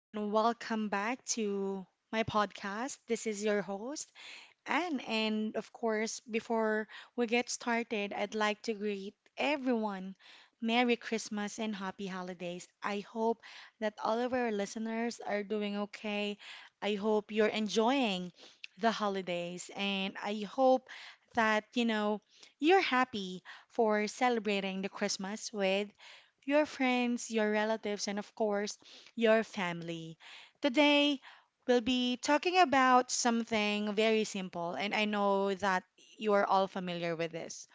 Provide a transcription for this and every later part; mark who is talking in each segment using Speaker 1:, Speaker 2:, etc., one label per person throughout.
Speaker 1: and welcome back to my podcast. This is your host, Anne. And of course, before we get started, I'd like to greet everyone Merry Christmas and Happy Holidays. I hope that all of our listeners are doing okay. I hope you're enjoying the holidays, and I hope that you're happy for celebrating the Christmas with your friends, your relatives, and of course, your family. Today, we'll be talking about something very simple, and I know that you are all familiar with this.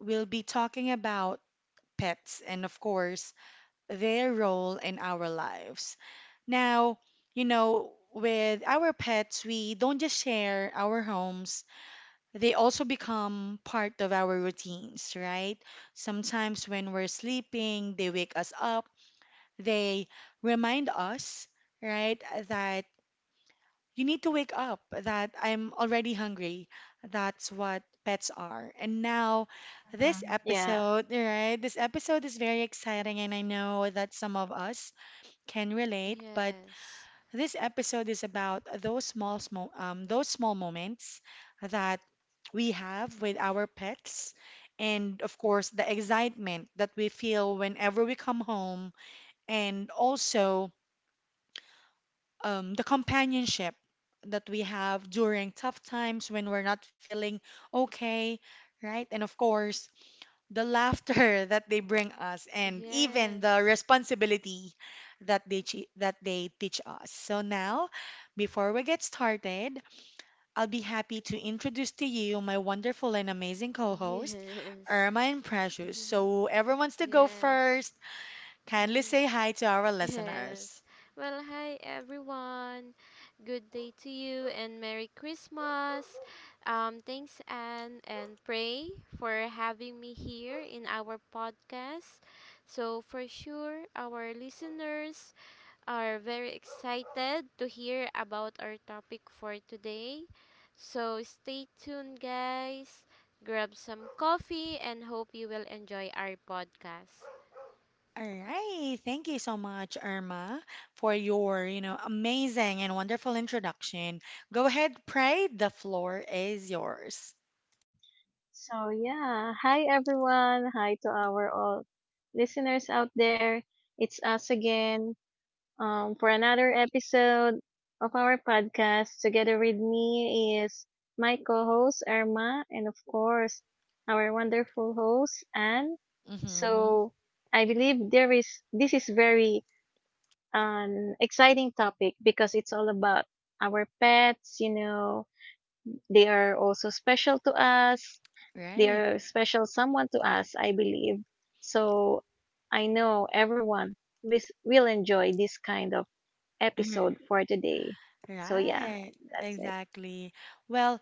Speaker 1: We'll be talking about pets and, of course, their role in our lives. Now, you know, with our pets, we don't just share our homes, they also become part of our routines, right? Sometimes when we're sleeping, they wake us up, they remind us, right, that you need to wake up, that I'm already hungry. That's what pets are. And now, this
Speaker 2: Mhm. Yeah.
Speaker 1: episode, right? This episode is very exciting, and I know that some of us can relate, but
Speaker 3: Yes.
Speaker 1: this episode is about those those small moments that we have with our pets. And of course, the excitement that we feel whenever we come home, and also the companionship that we have during tough times when we're not feeling okay, right? And of course, the laughter that they bring us, and even the
Speaker 3: Yes.
Speaker 1: responsibility that they teach us. So now, before we get started, I'll be happy to introduce to you my wonderful and amazing co-host,
Speaker 3: Yes.
Speaker 1: Irma and Precious.
Speaker 3: Mhm.
Speaker 1: So everyone's to go
Speaker 3: Yes.
Speaker 1: first. Kindly
Speaker 3: Mhm.
Speaker 1: say hi to our
Speaker 3: Yes.
Speaker 1: listeners.
Speaker 3: Well, hi everyone. Good day to you and Merry Christmas. Thanks Anne and Pray for having me here in our podcast. So for sure, our listeners are very excited to hear about our topic for today. So stay tuned, guys. Grab some coffee and hope you will enjoy our podcast.
Speaker 1: All right. Thank you so much, Irma, for your, you know, amazing and wonderful introduction. Go ahead, Pray. The floor is yours.
Speaker 2: So yeah, hi everyone. Hi to our all listeners out there. It's us again for another episode of our podcast. Together with me is my co-host Irma and of course our wonderful host Anne.
Speaker 1: Mm-hmm.
Speaker 2: So I believe there is this is very exciting topic because it's all about our pets, you know. They are also special to us.
Speaker 1: Right.
Speaker 2: They're special someone to us, I believe. So I know everyone will enjoy this kind of episode for today. So yeah,
Speaker 1: Right.
Speaker 2: that's it.
Speaker 1: Exactly. Well,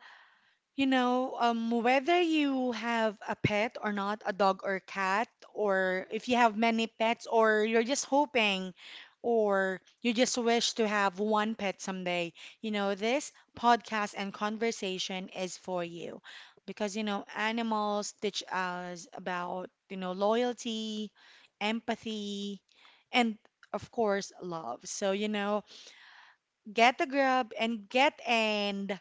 Speaker 1: you know, whether you have a pet or not, a dog or cat, or if you have many pets, or you're just hoping, or you just wish to have one pet someday, you know, this podcast and conversation is for you. Because, you know, animals teach us about, you know, loyalty, empathy, and of course, love. So, you know, get a grub and get and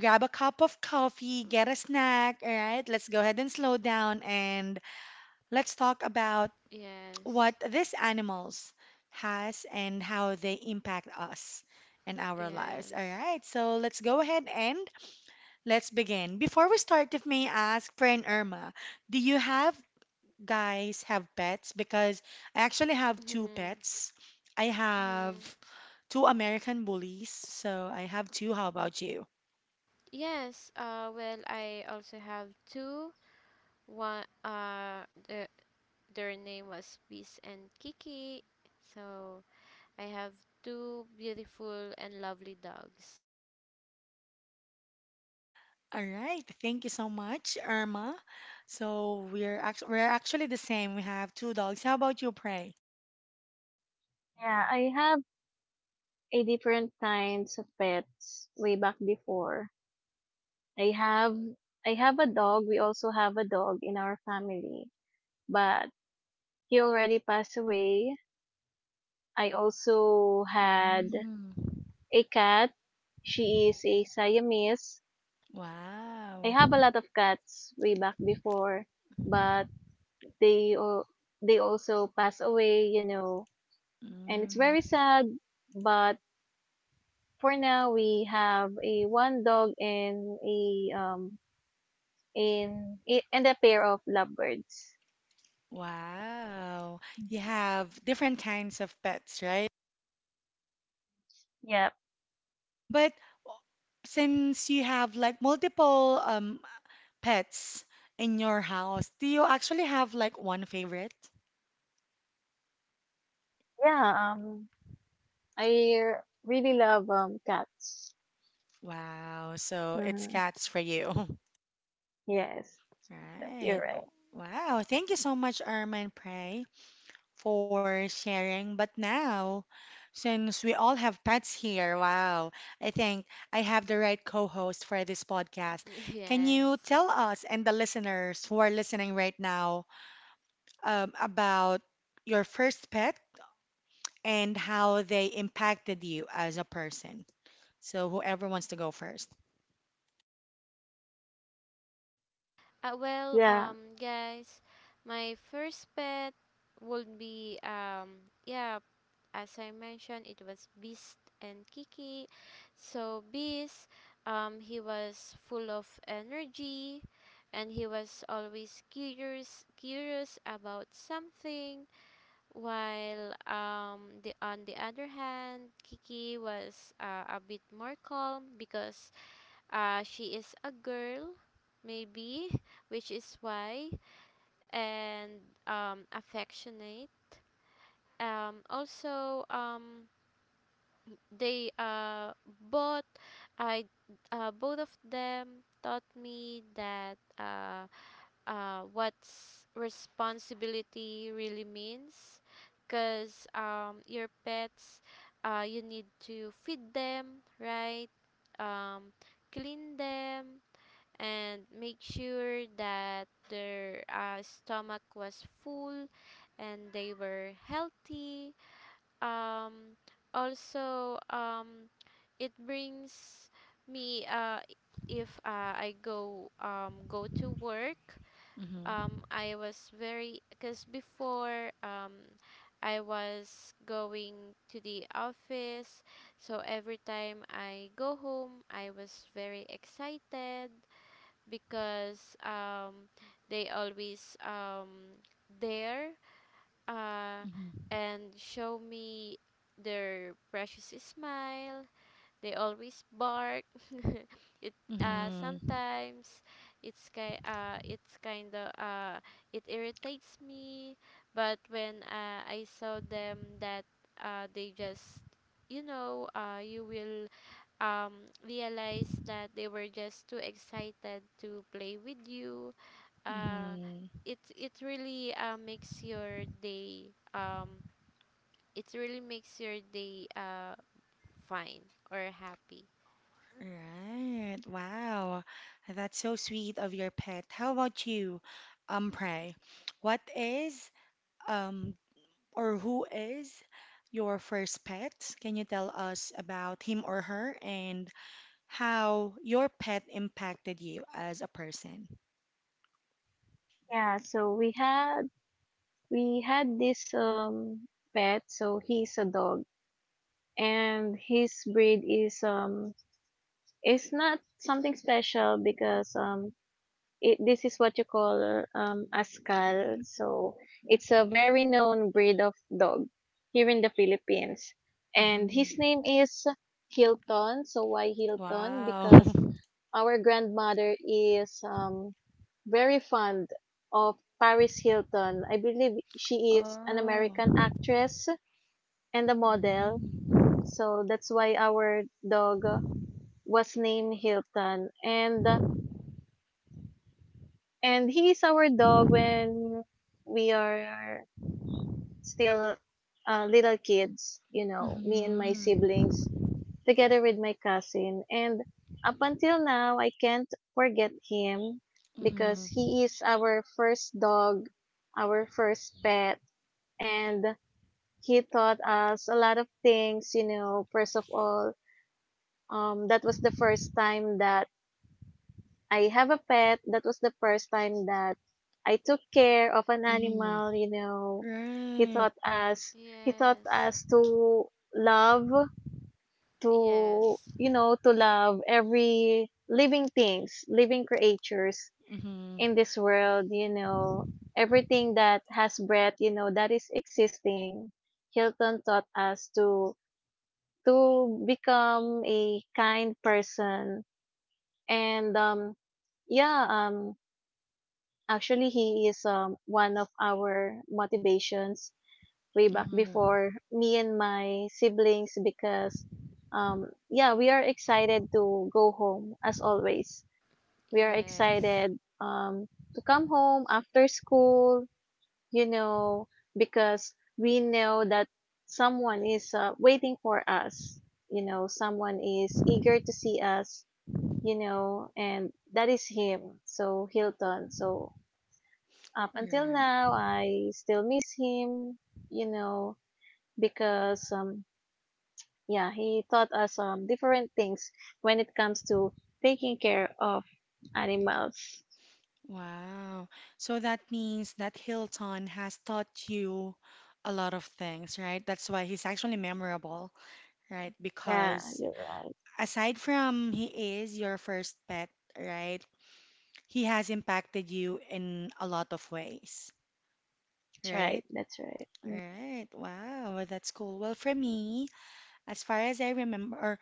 Speaker 1: grab a cup of coffee, get a snack, all right? Let's go ahead and slow down and let's talk about what
Speaker 3: Yes,
Speaker 1: these animals has and how they impact us and our lives. All
Speaker 3: yes.
Speaker 1: right, so let's go ahead and let's begin. Before we start, if may I ask, friend Irma, do you have, guys, have pets? Because I actually have two
Speaker 3: Mm-hmm.
Speaker 1: pets. I
Speaker 3: Mm-hmm.
Speaker 1: have two American bullies. So I have two. How about you?
Speaker 3: Yes, well, I also have two. One, uh, the, their name was Peace and Kiki. So I have two beautiful and lovely dogs.
Speaker 1: All right. Thank you so much, Irma. So we're act we're actually the same. We have two dogs. How about you, Prey?
Speaker 2: Yeah, I have a different kinds of pets way back before. I have I have a dog. We also have a dog in our family, but he already passed away. I also had
Speaker 1: Mm,
Speaker 2: a cat. She is a Siamese. I
Speaker 1: wow.
Speaker 2: have a lot of cats way back before, but they al- they also pass away, you know, and it's
Speaker 1: Mm,
Speaker 2: very sad. But for now, we have a one dog and a in and a pair of lovebirds.
Speaker 1: wow. You have different kinds of pets, right?
Speaker 2: Yep.
Speaker 1: But since you have like multiple pets in your house, do you actually have like one favorite?
Speaker 2: Yeah. I really love cats.
Speaker 1: Wow, so it's
Speaker 2: Hmm.
Speaker 1: cats for you.
Speaker 2: Yes, you're
Speaker 1: Right. Oh.
Speaker 2: right.
Speaker 1: Wow. Thank you so much, Arman Pray, for sharing. But now, since we all have pets here, wow, I think I have the right co-host for this podcast. Can you
Speaker 3: Yes.
Speaker 1: tell us and the listeners who are listening right now about your first pet and how they impacted you as a person? So whoever wants to go 1st.
Speaker 2: Yeah,
Speaker 3: Guys, my first pet would be, yeah, as I mentioned, it was Beast and Kiki. So Beast, he was full of energy, and he was always curious about something. While the on the other hand, Kiki was a bit more calm because she is a girl maybe, which is why. And Affectionate also they both I both of them taught me that what's responsibility really means, because your pets, you need to feed them right, um, clean them, and make sure that their stomach was full and they were healthy. Um, also, it brings me if I go go to work.
Speaker 1: Mm-hmm.
Speaker 3: I was very, because before, I was going to the office, so every time I go home, I was very excited because they always, there uh, and show me their precious smile. They always bark. it
Speaker 1: Mm-hmm.
Speaker 3: Sometimes it's kind of, it irritates me, but when I saw them, that they just, you know, you will, um, realize that they were just too excited to play with you. Uh,
Speaker 1: Mm-hmm.
Speaker 3: it really, makes your day. It really makes your day fine or happy.
Speaker 1: Right. Wow. That's so sweet of your pet. How about you, Pray? What is, um, or who is your first pet? Can you tell us about him or her and how your pet impacted you as a person?
Speaker 2: yeah. So we had this pet. So he's a dog and his breed is it's not something special because it this is what you call Ascal. So it's a very known breed of dog here in the Philippines. And his
Speaker 1: Hmm.
Speaker 2: name is Hilton. So why Hilton?
Speaker 1: Wow.
Speaker 2: Because our grandmother is very fond of Paris Hilton. I believe she is an
Speaker 1: Oh.
Speaker 2: American actress and a model, so that's why our dog was named Hilton. And he is our dog when we are still little kids, you know, me and my
Speaker 1: Mm-hmm.
Speaker 2: siblings together with my cousin. And up until now, I can't forget him because
Speaker 1: Mm-hmm.
Speaker 2: he is our first dog, our first pet, and he taught us a lot of things, you know. First of all, that was the first time that I have a pet. That was the first time that I took care of an
Speaker 1: Mm-hmm.
Speaker 2: animal, you know. He
Speaker 1: Right.
Speaker 2: taught us he taught
Speaker 3: Yes.
Speaker 2: us to love to
Speaker 3: Yes.
Speaker 2: you know to love every living things, living creatures
Speaker 1: Mm-hmm.
Speaker 2: in this world, you know. Everything that has breath, you know, that is existing. Hilton taught us to become a kind person and yeah um actually, he is one of our motivations way back
Speaker 1: Mm-hmm.
Speaker 2: before me and my siblings because, yeah, we are excited to go home as always. We are
Speaker 3: Yes.
Speaker 2: excited to come home after school, you know, because we know that someone is waiting for us, you know, someone is eager to see us, you know, and that is him. So, Hilton. So, up until
Speaker 1: Right.
Speaker 2: now I still miss him, you know, because yeah, he taught us different things when it comes to taking care of animals.
Speaker 1: Wow. So that means that Hilton has taught you a lot of things, right? That's why he's actually memorable, right?
Speaker 2: Yeah,
Speaker 1: Because
Speaker 2: you're right.
Speaker 1: aside from he is your first pet, right? He has impacted you in a lot of ways,
Speaker 2: That's right.
Speaker 1: right?
Speaker 2: That's right.
Speaker 1: Right. Wow, well, that's cool. Well, for me, as far as I remember, or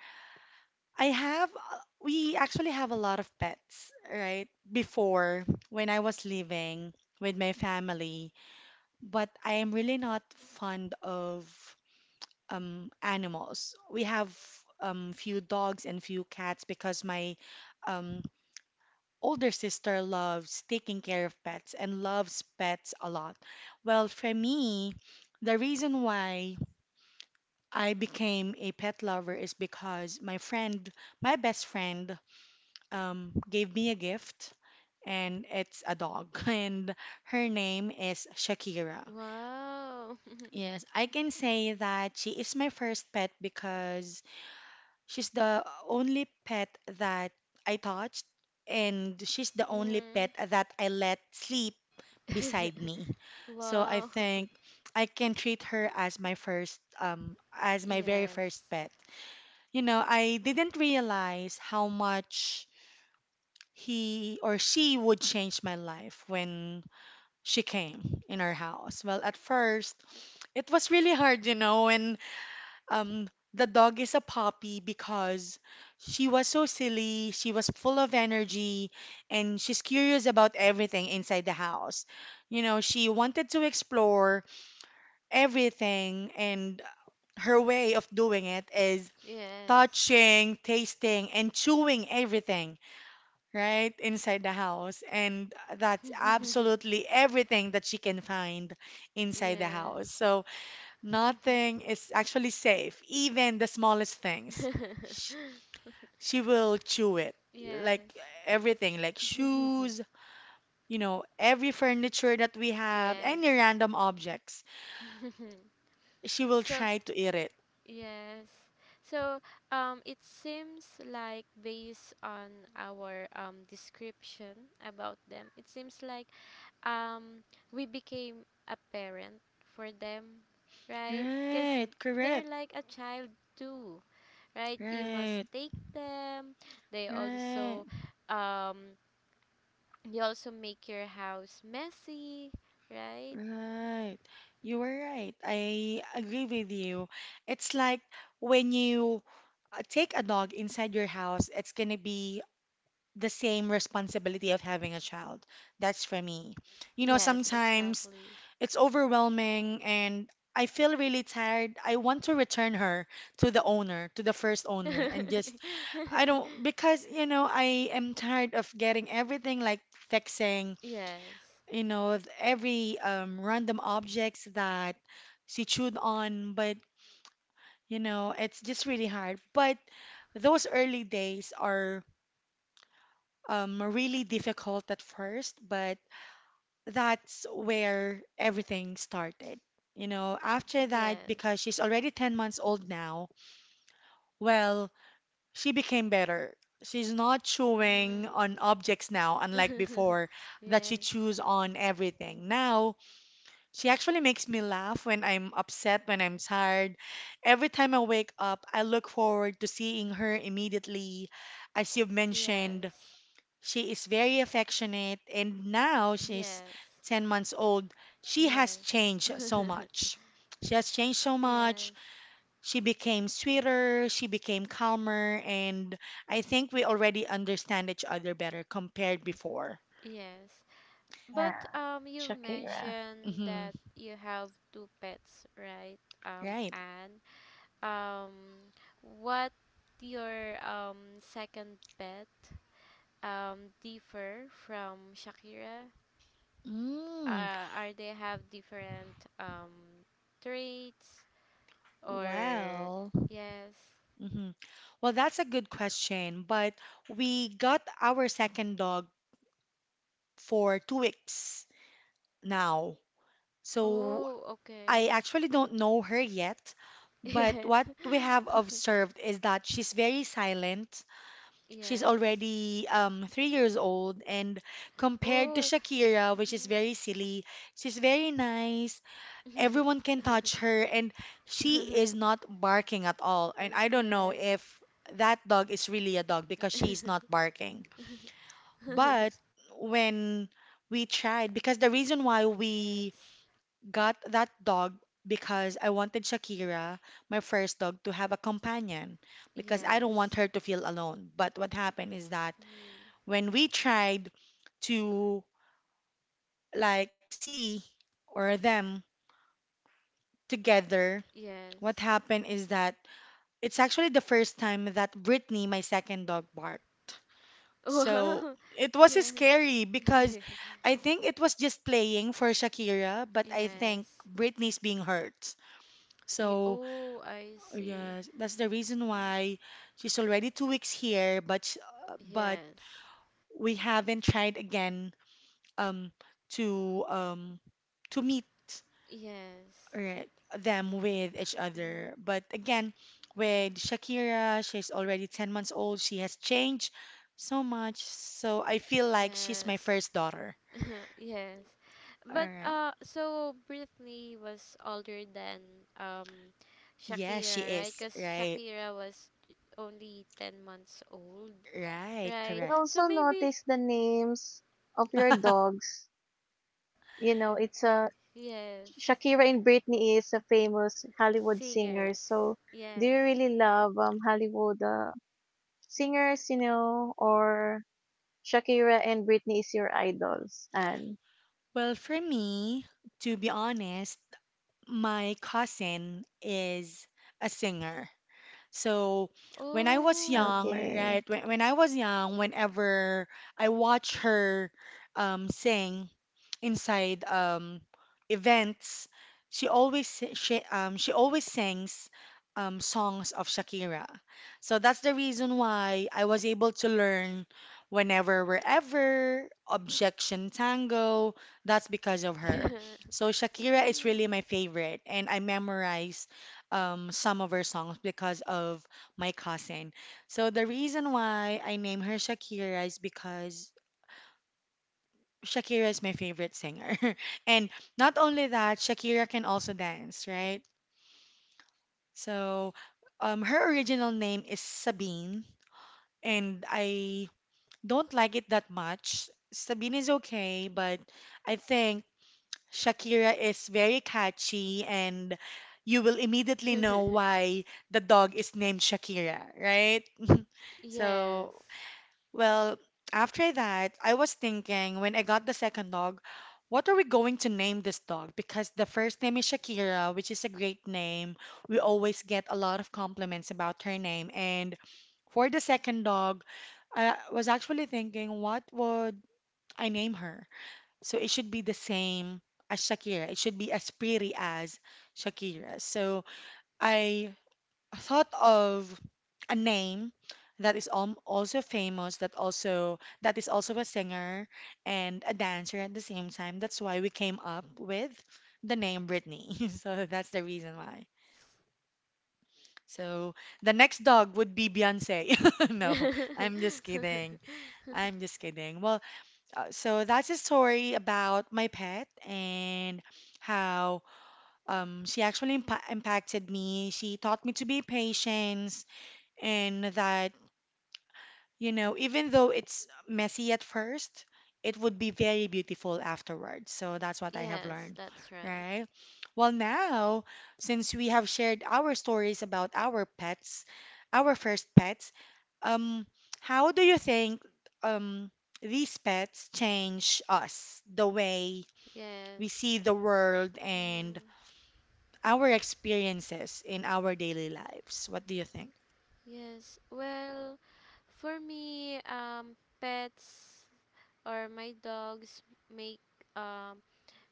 Speaker 1: I have we actually have a lot of pets, right? Before, when I was living with my family. But I am really not fond of animals. We have few dogs and few cats because my um, older sister loves taking care of pets and loves pets a lot. Well, for me, the reason why I became a pet lover is because my friend, my best friend, gave me a gift. And it's a dog, and her name is Shakira.
Speaker 3: Wow.
Speaker 1: Yes, I can say that she is my first pet because she's the only pet that I touched, and she's the only
Speaker 3: Mhm.
Speaker 1: pet that I let sleep beside me. So I
Speaker 3: Wow.
Speaker 1: think I can treat her as my very first
Speaker 3: Yes.
Speaker 1: pet. You know, I didn't realize how much he or she would change my life when she came in our house. Well, at first, it was really hard, you know, when um the dog is a puppy because she was so silly, she was full of energy, and she's curious about everything inside the house. You know, she wanted to explore everything, and her way of doing it is
Speaker 3: Yes.
Speaker 1: touching, tasting, and chewing everything, right, inside the house. And that's absolutely everything that she can find inside the house.
Speaker 3: Yes.
Speaker 1: So, nothing is actually safe, even the smallest things. Sh- She will chew it, like
Speaker 3: Yes.
Speaker 1: everything, like shoes, you know, every furniture that we have, any
Speaker 3: Yes.
Speaker 1: random objects. She will
Speaker 3: So,
Speaker 1: try to eat it.
Speaker 3: yes. So, it seems like based on our description about them, it seems like, um, we became a parent for them, right? Because
Speaker 1: Right,
Speaker 3: they're
Speaker 1: correct.
Speaker 3: like a child too, right? You must
Speaker 1: Right,
Speaker 3: take them. They
Speaker 1: right,
Speaker 3: also, um, they also make your house messy, right?
Speaker 1: right. You are right. I agree with you. It's like when you take a dog inside your house, it's gonna be the same responsibility of having a child. That's for me. You know,
Speaker 3: Yes,
Speaker 1: sometimes
Speaker 3: exactly.
Speaker 1: it's overwhelming and I feel really tired. I want to return her to the owner, to the first owner, and just I don't because you know I am tired of getting everything like fixing,
Speaker 3: Yes.
Speaker 1: you know, every random objects that she chewed on, but you know, it's just really hard. But those early days are really difficult at first, but that's where everything started. You know, after that, because
Speaker 3: Yes.
Speaker 1: she's already 10 months old now, well, she became better. She's not chewing
Speaker 3: Mhm.
Speaker 1: on objects now, unlike before that she
Speaker 3: Yes.
Speaker 1: chews on everything. Now, she actually makes me laugh when I'm upset, when I'm tired. Every time I wake up, I look forward to seeing her immediately. As you've mentioned,
Speaker 3: Yes.
Speaker 1: she is very affectionate, and now she's 10 months old. She
Speaker 3: Yes.
Speaker 1: has
Speaker 3: Yes.
Speaker 1: changed so much. She has changed so much.
Speaker 3: Yes.
Speaker 1: She became sweeter, she became calmer, and I think we already understand each other better compared before.
Speaker 3: Yes. But
Speaker 2: Yeah.
Speaker 3: you've
Speaker 2: Shakira.
Speaker 3: mentioned
Speaker 1: Hmm.
Speaker 3: that you have two pets, right?
Speaker 1: Right.
Speaker 3: And um what your second pet differ from Shakira?
Speaker 1: Mm,
Speaker 3: Are they have different traits, or
Speaker 1: well,
Speaker 3: yes?
Speaker 1: hmm, well, that's a good question, but we got our second dog for 2 weeks now. So
Speaker 3: Oh,
Speaker 1: I
Speaker 3: okay.
Speaker 1: actually don't know her yet, but
Speaker 3: Yeah.
Speaker 1: what we have observed is that she's very silent. She's
Speaker 3: Yes.
Speaker 1: already 3 years old, and compared to
Speaker 3: Oh.
Speaker 1: Shakira, which is very silly, she's very nice.
Speaker 3: Mhm.
Speaker 1: Everyone can touch her, and she is not barking at all. And I don't know
Speaker 3: Yes.
Speaker 1: if that dog is really a dog because she's not barking. But when we tried, because the reason why we
Speaker 3: Yes.
Speaker 1: got that dog because I wanted Shakira, my first dog, to have a companion because I don't want
Speaker 3: Yes.
Speaker 1: her to feel alone. But what happened is that
Speaker 3: Mm.
Speaker 1: when we tried to like see or them together, what
Speaker 3: Yes.
Speaker 1: happened is that it's actually the first time that Brittany, my second dog, barked. So
Speaker 3: Wow.
Speaker 1: it was
Speaker 3: Yeah.
Speaker 1: scary because I think it was just playing for Shakira, but I think
Speaker 3: Yes.
Speaker 1: Britney's being hurt. So
Speaker 3: Oh, I see.
Speaker 1: yes, that's the reason
Speaker 3: Mhm.
Speaker 1: why she's already 2 weeks here, but
Speaker 3: Yes.
Speaker 1: we haven't tried again um to um to meet,
Speaker 3: Yes.
Speaker 1: right, them with each
Speaker 3: Mhm.
Speaker 1: other. But again,
Speaker 3: Mhm.
Speaker 1: with Shakira, she's already 10 months old. She has changed so much. So I feel like she's my
Speaker 3: Yes.
Speaker 1: first daughter.
Speaker 3: Yes.
Speaker 1: All
Speaker 3: But
Speaker 1: right.
Speaker 3: so Britney was older than um
Speaker 1: Yeah, she
Speaker 3: Shakira, right?
Speaker 1: is.
Speaker 3: Cuz
Speaker 1: Right.
Speaker 3: Shakira was only 10 months old,
Speaker 1: Right.
Speaker 3: right?
Speaker 2: I
Speaker 1: Correct.
Speaker 3: So
Speaker 2: also
Speaker 3: maybe
Speaker 2: noticed the names of your dogs. You know, it's a
Speaker 3: yes.
Speaker 2: Shakira and Britney is a famous Hollywood singer.
Speaker 3: Singers.
Speaker 2: So, do
Speaker 3: Yes.
Speaker 2: you really love Hollywood singers, you know, or Shakira and Britney is your idols. And
Speaker 1: Well, for me, to be honest, my cousin is a singer. So when I was
Speaker 3: Oh.
Speaker 1: young,
Speaker 2: okay.
Speaker 1: right, when I was young, whenever I watch her sing inside events, she always sings songs of Shakira. So that's the reason why I was able to learn whenever, wherever, Objection Tango. That's because of her. So Shakira is
Speaker 3: Mm.
Speaker 1: really my favorite, and I memorize some of her songs because of my cousin. So the reason why I name her Shakira is because Shakira is my favorite singer. And not only that, Shakira can also dance, right? So her original name is Sabine, and I don't like it that much. Sabine is okay, but I think Shakira is very catchy and you will immediately know why the dog is named Shakira, right?
Speaker 3: Yes.
Speaker 1: So, well, after that, I was thinking when I got the second dog, what are we going to name this dog? Because the first name is Shakira, which is a great name. We always get a lot of compliments about her name. And for the second dog, I was actually thinking, what would I name her? So it should be the same as Shakira. It should be as pretty as Shakira. So I thought of a name that is also famous that is also a singer and a dancer at the same time. That's why we came up with the name Britney. So that's the reason why.
Speaker 3: Yes.
Speaker 1: So the next dog would be Beyonce. No, I'm just kidding. I'm just kidding. So that's a story about my pet and how she actually impacted me. She taught me to be patient and that you know, even though it's messy at first, it would be very beautiful afterwards. So that's what I have
Speaker 3: Yes,
Speaker 1: learned,
Speaker 3: that's right.
Speaker 1: right? Well, now, since we have shared our stories about our pets, our first pets, um, how do you think um, these pets change us, the way we see
Speaker 3: Yes.
Speaker 1: the world and
Speaker 3: Mm,
Speaker 1: our experiences in our daily lives? What do you think?
Speaker 3: yes. Well, for me, pets or my dogs make um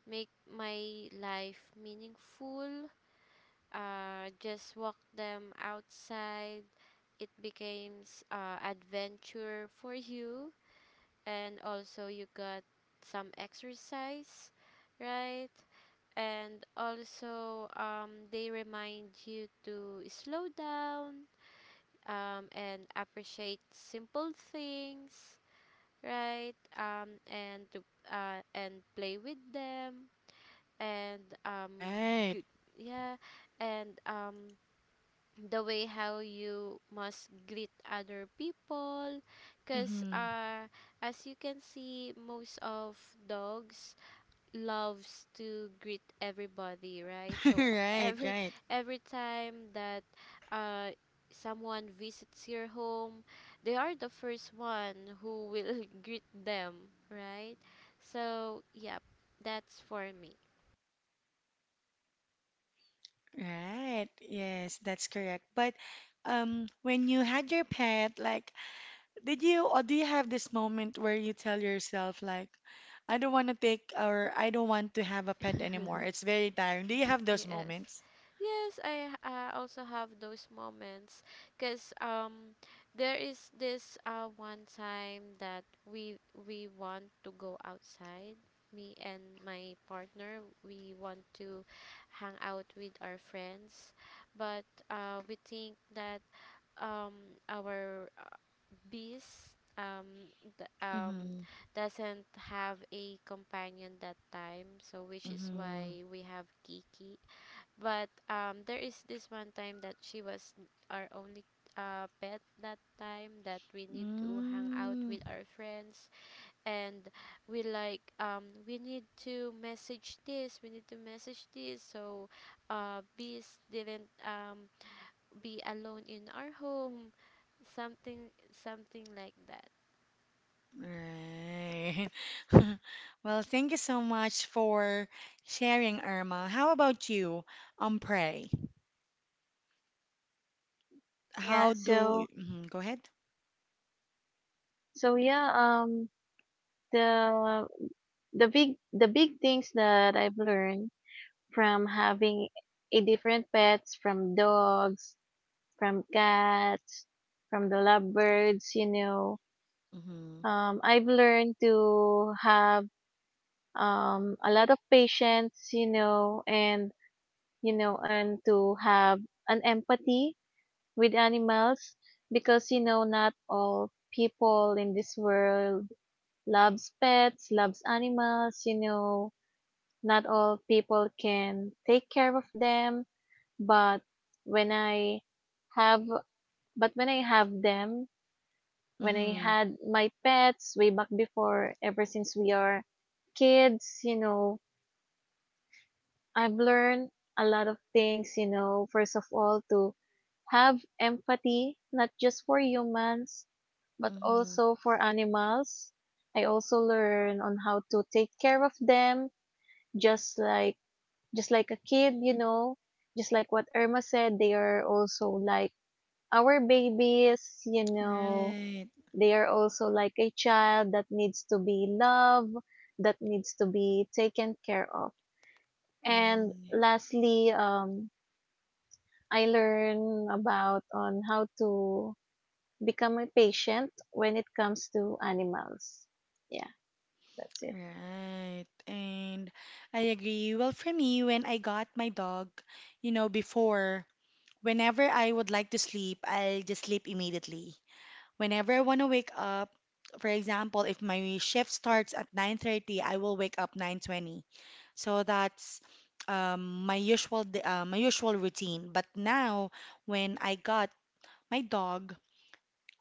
Speaker 3: make my life meaningful. Just walk them outside. It becomes adventure for you, and also you got some exercise, right? And also, they remind you to slow down, and appreciate simple things, right? And to, and play with them, and,
Speaker 1: Right.
Speaker 3: g- yeah, and, the way how you must greet other people, because,
Speaker 1: Hmm.
Speaker 3: as you can see, most of dogs loves to greet everybody, right? So
Speaker 1: Right,
Speaker 3: every
Speaker 1: right.
Speaker 3: every time that uh someone visits your home, they are the first one who will greet them, right? So, yep, that's for me.
Speaker 1: Right. Yes, that's correct. But when you had your pet, like, did you or do you have this moment where you tell yourself like, I don't want to take or I don't want to have a pet anymore. It's very tiring. Do you have those
Speaker 3: Yes.
Speaker 1: moments?
Speaker 3: Yes, also have those moments, because, there is this one time that we want to go outside. Me and my partner, we want to hang out with our friends, but, we think that, our, beast th- um
Speaker 1: Mm-hmm.
Speaker 3: doesn't have a companion that time, so which is
Speaker 1: Mm-hmm.
Speaker 3: why we have Kiki, but, there is this one time that our only pet that time, that we need to hang out
Speaker 1: Mm,
Speaker 3: with our friends, and we like, we need to message this, so, bees didn't, be alone in our home, something, something like that.
Speaker 1: right. Well, thank you so much for sharing, Irma. How about you, Pray? How
Speaker 2: Yeah,
Speaker 1: do?
Speaker 2: so
Speaker 1: Mhm, go ahead.
Speaker 2: so yeah, the the big things that I've learned from having a different pets, from dogs, from cats, from the lovebirds, you know,
Speaker 1: Mm-hmm.
Speaker 2: I've learned to have a lot of patience, you know, and to have an empathy with animals because you know not all people in this world loves pets, loves animals, you know, not all people can take care of them. But when i have when I have them, when I
Speaker 1: Mm-hmm.
Speaker 2: had my pets way back before, ever since we are kids, you know, I've learned a lot of things, you know. First of all, to have empathy not just for humans but also for animals. I also learn on how to take care of them, just like just like a kid, you know, just like what Irma said, they are also like our babies, you know.
Speaker 1: Right,
Speaker 2: They are also like a child that needs to be loved, that needs to be taken care of.
Speaker 1: right,
Speaker 2: And lastly, I learn about on how to become a patient when it comes to animals. Yeah. That's it.
Speaker 1: right. And I agree. Well, for me, when I got my dog, you know, before, whenever I would like to sleep, I'll just sleep immediately. Whenever I want to wake up, for example, if my shift starts at 9:30, I will wake up 9:20. So that's my my usual routine. But now, when I got my dog,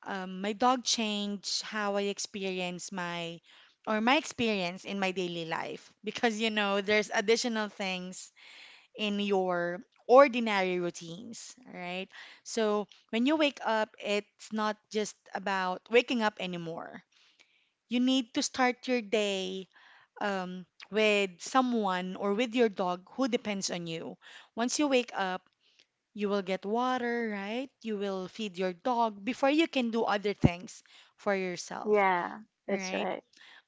Speaker 1: my dog changed how I experience my or my experience in my daily life because you know there's additional things in your ordinary routines, right? So when you wake up, it's not just about waking up anymore. You need to start your day um, with someone or with your dog who depends on you. Once you wake up, you will get water, right? You will feed your dog before you can do other things for yourself,
Speaker 2: Yeah, that's
Speaker 1: right?
Speaker 2: right.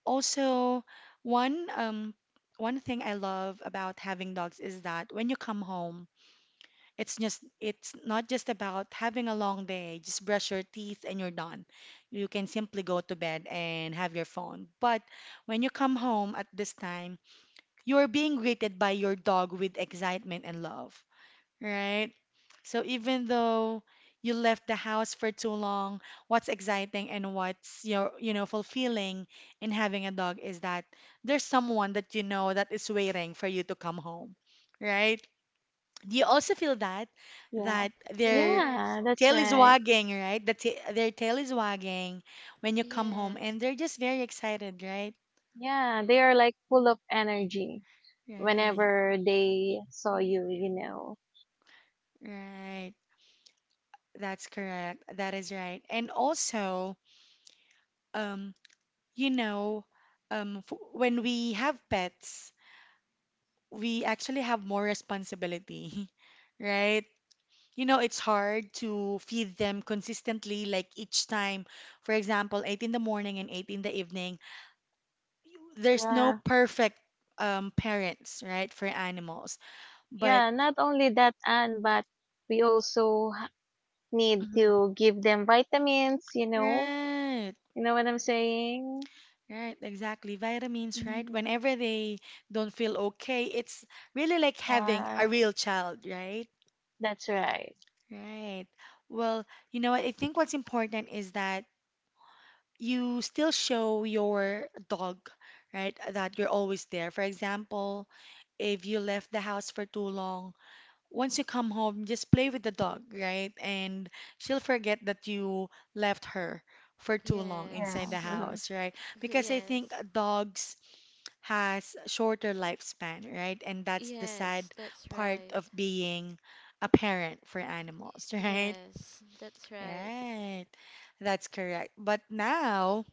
Speaker 1: Also, one um one thing I love about having dogs is that when you come home, it's not just about having a long day, just brush your teeth and you're done. You can simply go to bed and have your phone. But when you come home at this time, you are being greeted by your dog with excitement and love, right? So even though you left the house for too long, what's exciting and what's your, you know, fulfilling in having a dog is that there's someone that you know that is waiting for you to come home, right? Do you also feel that
Speaker 2: Yeah.
Speaker 1: that their
Speaker 3: Yes.
Speaker 2: Yeah, that's
Speaker 1: tail is
Speaker 2: right.
Speaker 1: wagging, right? The ta their tail is wagging when you come home
Speaker 3: Yes.
Speaker 1: and they're just very excited, right?
Speaker 2: Yeah, they are like full of energy
Speaker 1: Right,
Speaker 2: whenever they saw you, you know.
Speaker 1: right. That's correct. That is right. And also, um, you know, f when we have pets, we actually have more responsibility, right? You know, it's hard to feed them consistently, like each time. For example, 8 in the morning and 8 in the evening. There's no
Speaker 2: Yeah.
Speaker 1: perfect parents, right, for animals. But,
Speaker 2: Yeah, not only that, and but we also need
Speaker 1: mhm,
Speaker 2: to give them vitamins, you know.
Speaker 1: right,
Speaker 2: You know what I'm saying?
Speaker 1: right, exactly. Vitamins, right?
Speaker 2: Mhm.
Speaker 1: Whenever they don't feel okay, it's really like having a
Speaker 2: Yeah,
Speaker 1: real child, right?
Speaker 2: that's right.
Speaker 1: Right. Well, you know what? I think what's important is that you still show your dog, right, that you're always there. For example, if you left the house for too long, once you come home, just play with the dog, right? And she'll forget that you left her for too long inside
Speaker 2: Yeah.
Speaker 1: the
Speaker 3: Yes.
Speaker 2: Hmm.
Speaker 1: house, right? Because I think
Speaker 3: Yes.
Speaker 1: dogs has shorter lifespan, right? And that's the
Speaker 3: Yes,
Speaker 1: sad
Speaker 3: that's
Speaker 1: part
Speaker 3: right.
Speaker 1: of being a parent for animals, right?
Speaker 3: Yes, that's right.
Speaker 1: Right. That's correct. But now,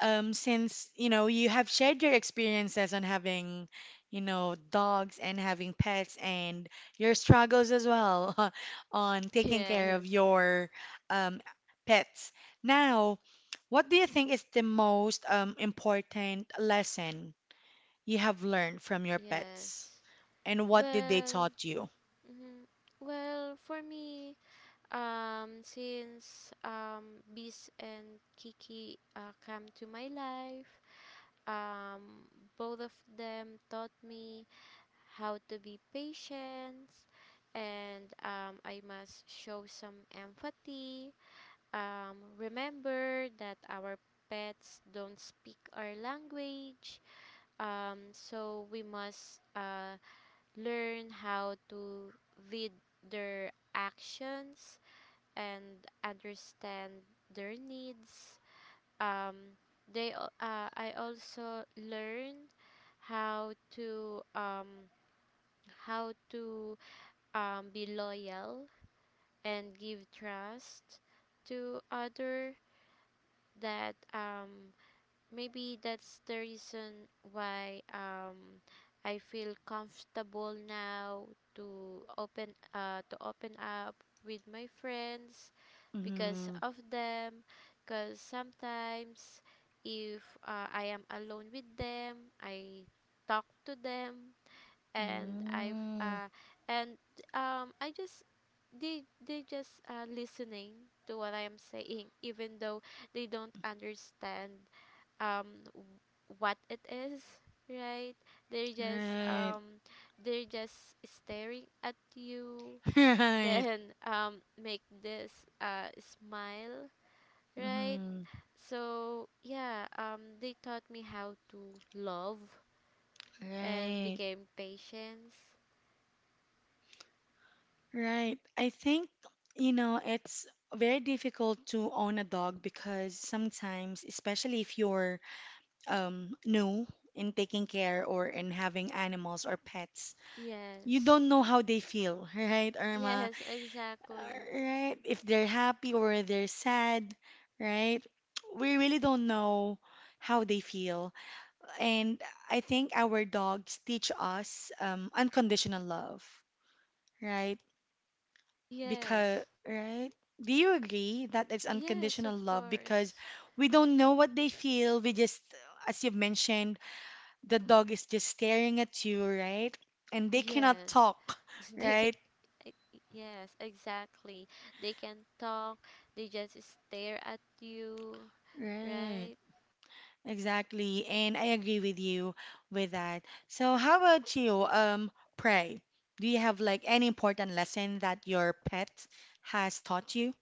Speaker 1: since you know you have shared your experiences on having, you know, dogs and having pets and your struggles as well on taking care of
Speaker 3: Yes,
Speaker 1: your um, pets. Now, what do you think is the most important lesson you have learned from your pets,
Speaker 3: yes.
Speaker 1: and what did they
Speaker 3: Well,
Speaker 1: taught you?
Speaker 3: mhm. Well, for me, since, Beast and Kiki come to my life, um, both of them taught me how to be patient, and, I must show some empathy. Remember that our pets don't speak our language, so we must, learn how to read their actions and understand their needs. Um, I also learn how to, how to be loyal and give trust to other, that, maybe that's the reason why, I feel comfortable now to open up with my friends, because
Speaker 1: Mm-hmm.
Speaker 3: of them. Because sometimes, if, I am alone with them, I talk to them, and I've
Speaker 1: Mm,
Speaker 3: uh and I just, they just, listening to what I am saying, even though they don't understand, um w- what it is, right? They're just,
Speaker 1: right.
Speaker 3: they're just staring at you.
Speaker 1: Right.
Speaker 3: Then, make this smile, right?
Speaker 1: Mm-hmm.
Speaker 3: So yeah, they taught me how to love and
Speaker 1: Right,
Speaker 3: became patience.
Speaker 1: right. I think, you know, it's very difficult to own a dog because sometimes, especially if you're new in taking care or in having animals or pets, you
Speaker 3: Yes.
Speaker 1: don't know how they feel, right, Irma?
Speaker 3: Yes. Exactly.
Speaker 1: Right? If they're happy or they're sad, right? We really don't know how they feel. And I think our dogs teach us unconditional love, right? Because,
Speaker 3: Yes.
Speaker 1: right? Do you agree that it's
Speaker 3: Yes,
Speaker 1: unconditional
Speaker 3: of
Speaker 1: love? Because
Speaker 3: course.
Speaker 1: we don't know what they feel. We just, as you've mentioned, the dog is just staring at you, right? And they cannot
Speaker 3: Yes.
Speaker 1: talk,
Speaker 3: they
Speaker 1: right?
Speaker 3: E- Yes, exactly. They can talk, they just stare at you,
Speaker 1: Right.
Speaker 3: right?
Speaker 1: Exactly. And I agree with you with that. So how about you? Pray. Do you have like any important lesson that your pet has taught you?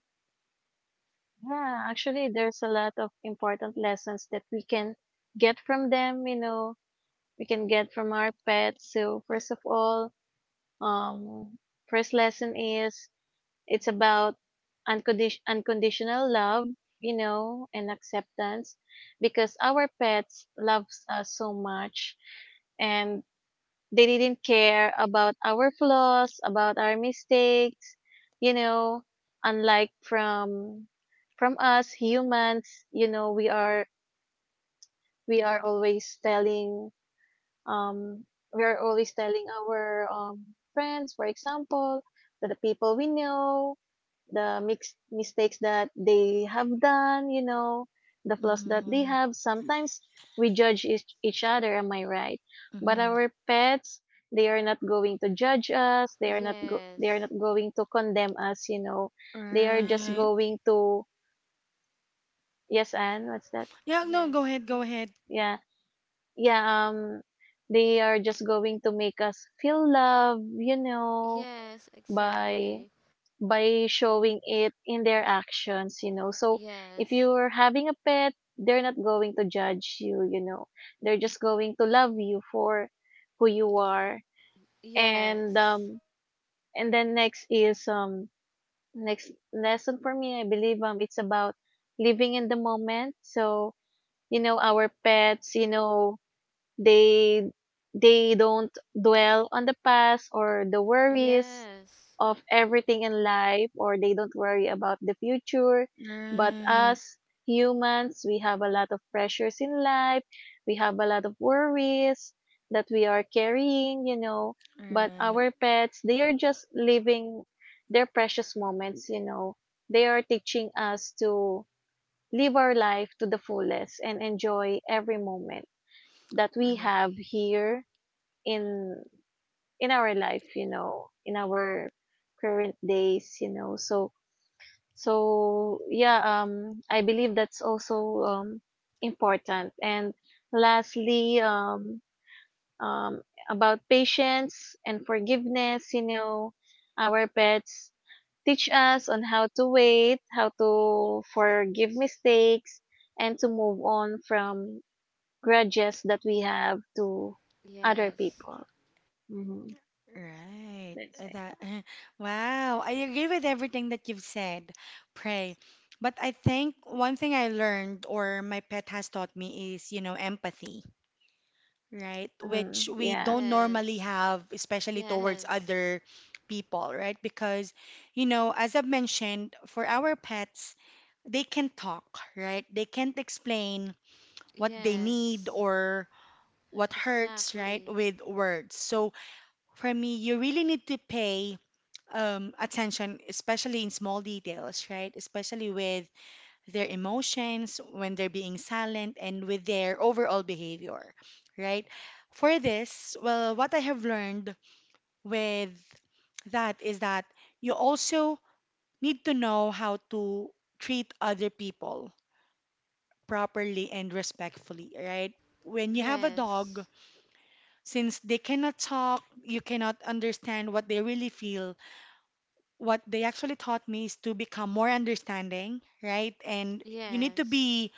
Speaker 2: Yeah, actually, there's a lot of important lessons that we can get from them, you know, we can get from our pets. So first of all, um, first lesson is it's about unconditional love, you know, and acceptance because our pets loves us so much and they didn't care about our flaws, about our mistakes, you know, unlike from us humans, you know, we are always telling um, our friends, for example, to the people we know, the mistakes that they have done, you know, the flaws that they
Speaker 1: Mm-hmm.
Speaker 2: have. Sometimes we judge each other, am I right? But
Speaker 1: Mm-hmm.
Speaker 2: our pets, they are not going to judge us. They are
Speaker 3: Yes,
Speaker 2: not going to condemn us, you know. They are just
Speaker 1: Right.
Speaker 2: going to, yes, Anne, what's that?
Speaker 1: Yeah, no, go
Speaker 3: yes,
Speaker 1: ahead, go ahead.
Speaker 2: Yeah. Yeah, um, they are just going to make us feel love, you know,
Speaker 3: yes,
Speaker 2: by
Speaker 3: exactly.
Speaker 2: by showing it in their actions, you know. So if
Speaker 3: Yes,
Speaker 2: you're having a pet, they're not going to judge you, you know. They're just going to love you for who you are. And
Speaker 3: yes,
Speaker 2: um and then next is next lesson for me, I believe it's about living in the moment. So, you know, our pets, you know, they they don't dwell on the past or the worries
Speaker 3: yes,
Speaker 2: of everything in life, or they don't worry about the future. But
Speaker 1: Right,
Speaker 2: us humans, we have a lot of pressures in life, we have a lot of worries that we are carrying, you know. But
Speaker 1: right,
Speaker 2: our pets, they are just living their precious moments, you know, they are teaching us to live our life to the fullest and enjoy every moment that we
Speaker 1: right,
Speaker 2: have here in in our life, you know, in our current days, you know. So so yeah, I believe that's also important. And lastly, um about patience and forgiveness, you know, our pets teach us on how to wait, how to forgive mistakes and to move on from grudges that we have to other
Speaker 3: yes,
Speaker 2: people. Mhm.
Speaker 1: right.
Speaker 2: Let's say.
Speaker 1: That, wow, I agree with everything that you've said, Pray. But I think one thing I learned or my pet has taught me is, you know, empathy, right? Which
Speaker 2: Mhm.
Speaker 1: we
Speaker 2: Yeah.
Speaker 1: don't normally
Speaker 3: yes,
Speaker 1: have, especially towards
Speaker 3: yes,
Speaker 1: other people, right? Because, you know, as I've mentioned, for our pets, they can talk, right? They can't explain what they need
Speaker 3: yes,
Speaker 1: or what hurts, right,
Speaker 3: exactly.
Speaker 1: with words. So for me, you really need to pay attention, especially in small details, right? Especially with their emotions, when they're being silent, and with their overall behavior, right? For this, well, what I have learned with that is that you also need to know how to treat other people properly and respectfully, right? When you have a dog,
Speaker 3: Yes,
Speaker 1: since they cannot talk, you cannot understand what they really feel. What they actually taught me is to become more understanding, right? And you need to
Speaker 3: yes,
Speaker 1: be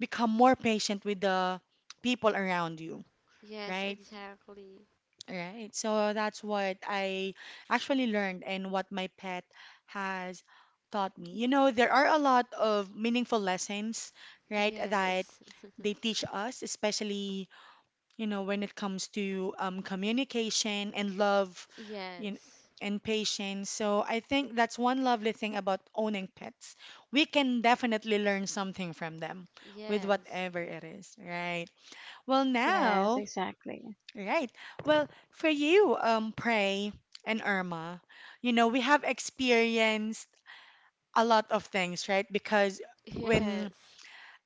Speaker 1: become more patient with the people around you,
Speaker 3: yes,
Speaker 1: right?
Speaker 3: exactly.
Speaker 1: Right. So that's what I actually learned and what my pet has taught me. You know, there are a lot of meaningful lessons, right, that
Speaker 3: Yes,
Speaker 1: they teach us, especially you know, when it comes to communication and love, you know,
Speaker 3: yes,
Speaker 1: and patience. So I think that's one lovely thing about owning pets. We can definitely learn something from them with
Speaker 3: yes.
Speaker 1: whatever it is, right? Well,
Speaker 2: Yes,
Speaker 1: now,
Speaker 2: exactly.
Speaker 1: right. Well, for you, Prey and Irma, you know, we have experienced a lot of things, right? Because when
Speaker 3: Yes.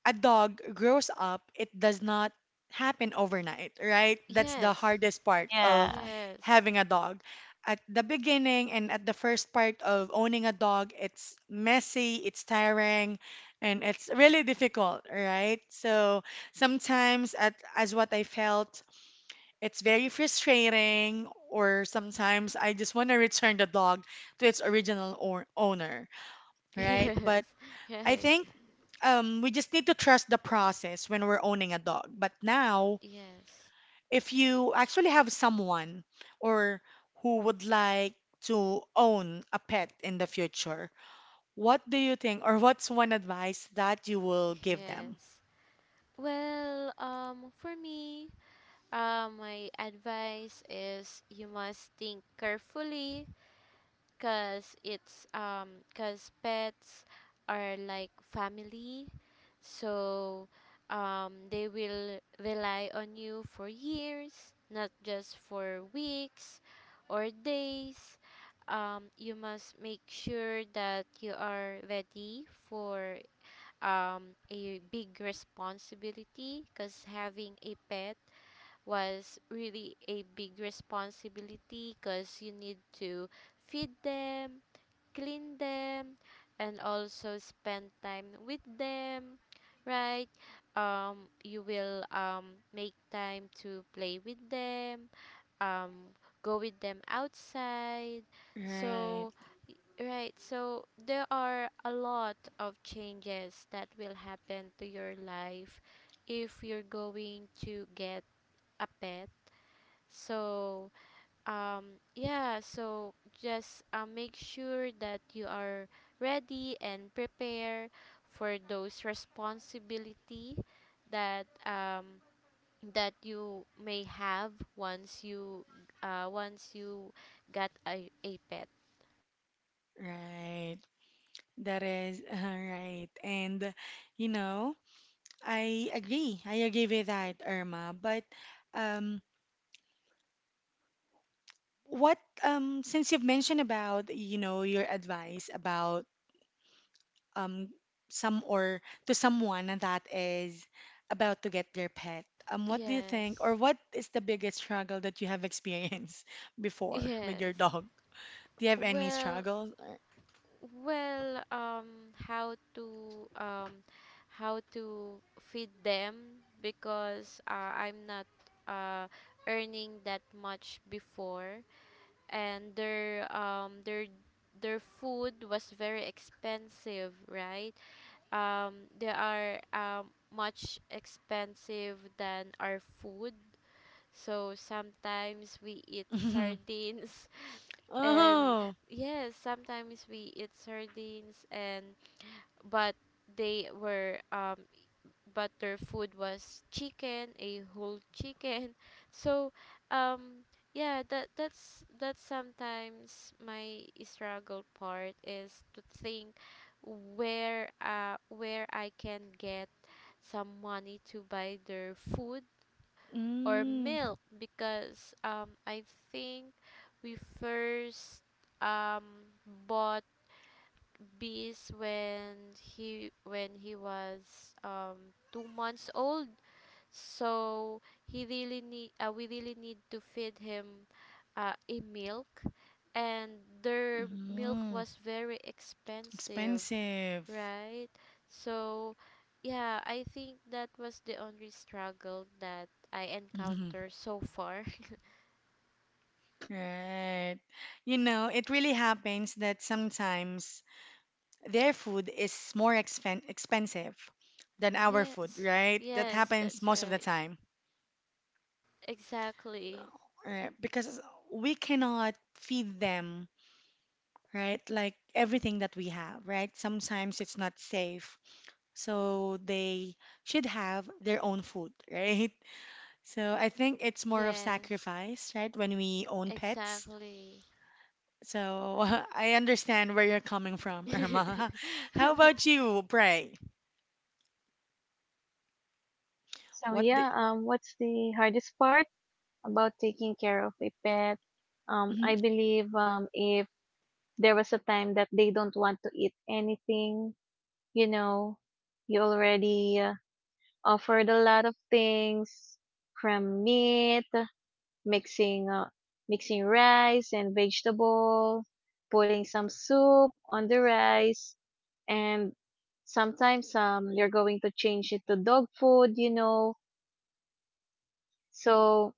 Speaker 1: a dog grows up, it does not happen overnight, right? That's the
Speaker 3: Yes.
Speaker 1: hardest part of
Speaker 2: Yeah.
Speaker 3: Yes.
Speaker 1: having a dog. At the beginning and at the first part of owning a dog, it's messy, it's tiring, and it's really difficult, right? So sometimes, at, as what I felt, it's very frustrating, or sometimes I just want to return the dog to its original or owner, right? But
Speaker 3: Yes.
Speaker 1: I
Speaker 3: Right.
Speaker 1: think we just need to trust the process when we're owning a dog. But now,
Speaker 3: Yes.
Speaker 1: if you actually have someone or who would like to own a pet in the future, what do you think, or what's one advice that you will give them?
Speaker 3: Yes. Well, for me, my advice is you must think carefully, cause it's cause pets are like family. So, they will rely on you for years, not just for weeks or days. You must make sure that you are ready for, a big responsibility, cause having a pet was really a big responsibility, cause you need to feed them, clean them, and also spend time with them, right? You will, make time to play with them, um, go with them outside.
Speaker 1: Right,
Speaker 3: So, right, so there are a lot of changes that will happen to your life if you're going to get a pet. So, yeah, so just, make sure that you are ready and prepare for those responsibility that, that you may have once you, uh, once you got a pet.
Speaker 1: right. That is right. And, you know, I agree. I agree with that, Irma. But um, what since you've mentioned about you know your advice about um some or to someone that is about to get their pet, what do you think
Speaker 3: Yes.
Speaker 1: or what is the biggest struggle that you have experienced before with your
Speaker 3: Yes.
Speaker 1: dog, do you have any
Speaker 3: Well,
Speaker 1: struggles or-
Speaker 3: Well, how to feed them, because, I'm not, uh, earning that much before, and their food was very expensive, right? They are, much expensive than our food. So sometimes we eat sardines. And,
Speaker 1: oh,
Speaker 3: yes, sometimes we eat sardines, and, but they were, but their food was chicken, a whole chicken. so um yeah, that's sometimes my struggle part, is to think where, where I can get some money to buy their food, or
Speaker 1: mm,
Speaker 3: milk, because, I think we first, um bought Beast when he was, 2 months old. So he really need, we really need to feed him, a milk, and their milk
Speaker 1: mm,
Speaker 3: was very expensive,
Speaker 1: expensive.
Speaker 3: right? So yeah, I think that was the only struggle that I
Speaker 1: Mhm,
Speaker 3: encounter so far.
Speaker 1: right, you know it really happens that sometimes their food is more expensive than our food,
Speaker 3: Yes,
Speaker 1: right? That
Speaker 3: yes,
Speaker 1: happens
Speaker 3: that's
Speaker 1: most of the
Speaker 3: right.
Speaker 1: time,
Speaker 3: Exactly.
Speaker 1: right? Because we cannot feed them, right? Like everything that we have, right? Sometimes it's not safe. So they should have their own food, right? So I think it's more of
Speaker 3: Yes,
Speaker 1: sacrifice, right? When we own pets.
Speaker 3: exactly.
Speaker 1: So I understand where you're coming from, Irma. How about you, Pray?
Speaker 2: So
Speaker 1: What the...
Speaker 2: yeah, what's the hardest part about taking care of a pet? I believe if there was a time that they don't want to eat anything, you know, you already offered a lot of things, from meat, mixing uh, mixing rice and vegetable, putting some soup on the rice, and sometimes you're going to change it to dog food, you know. So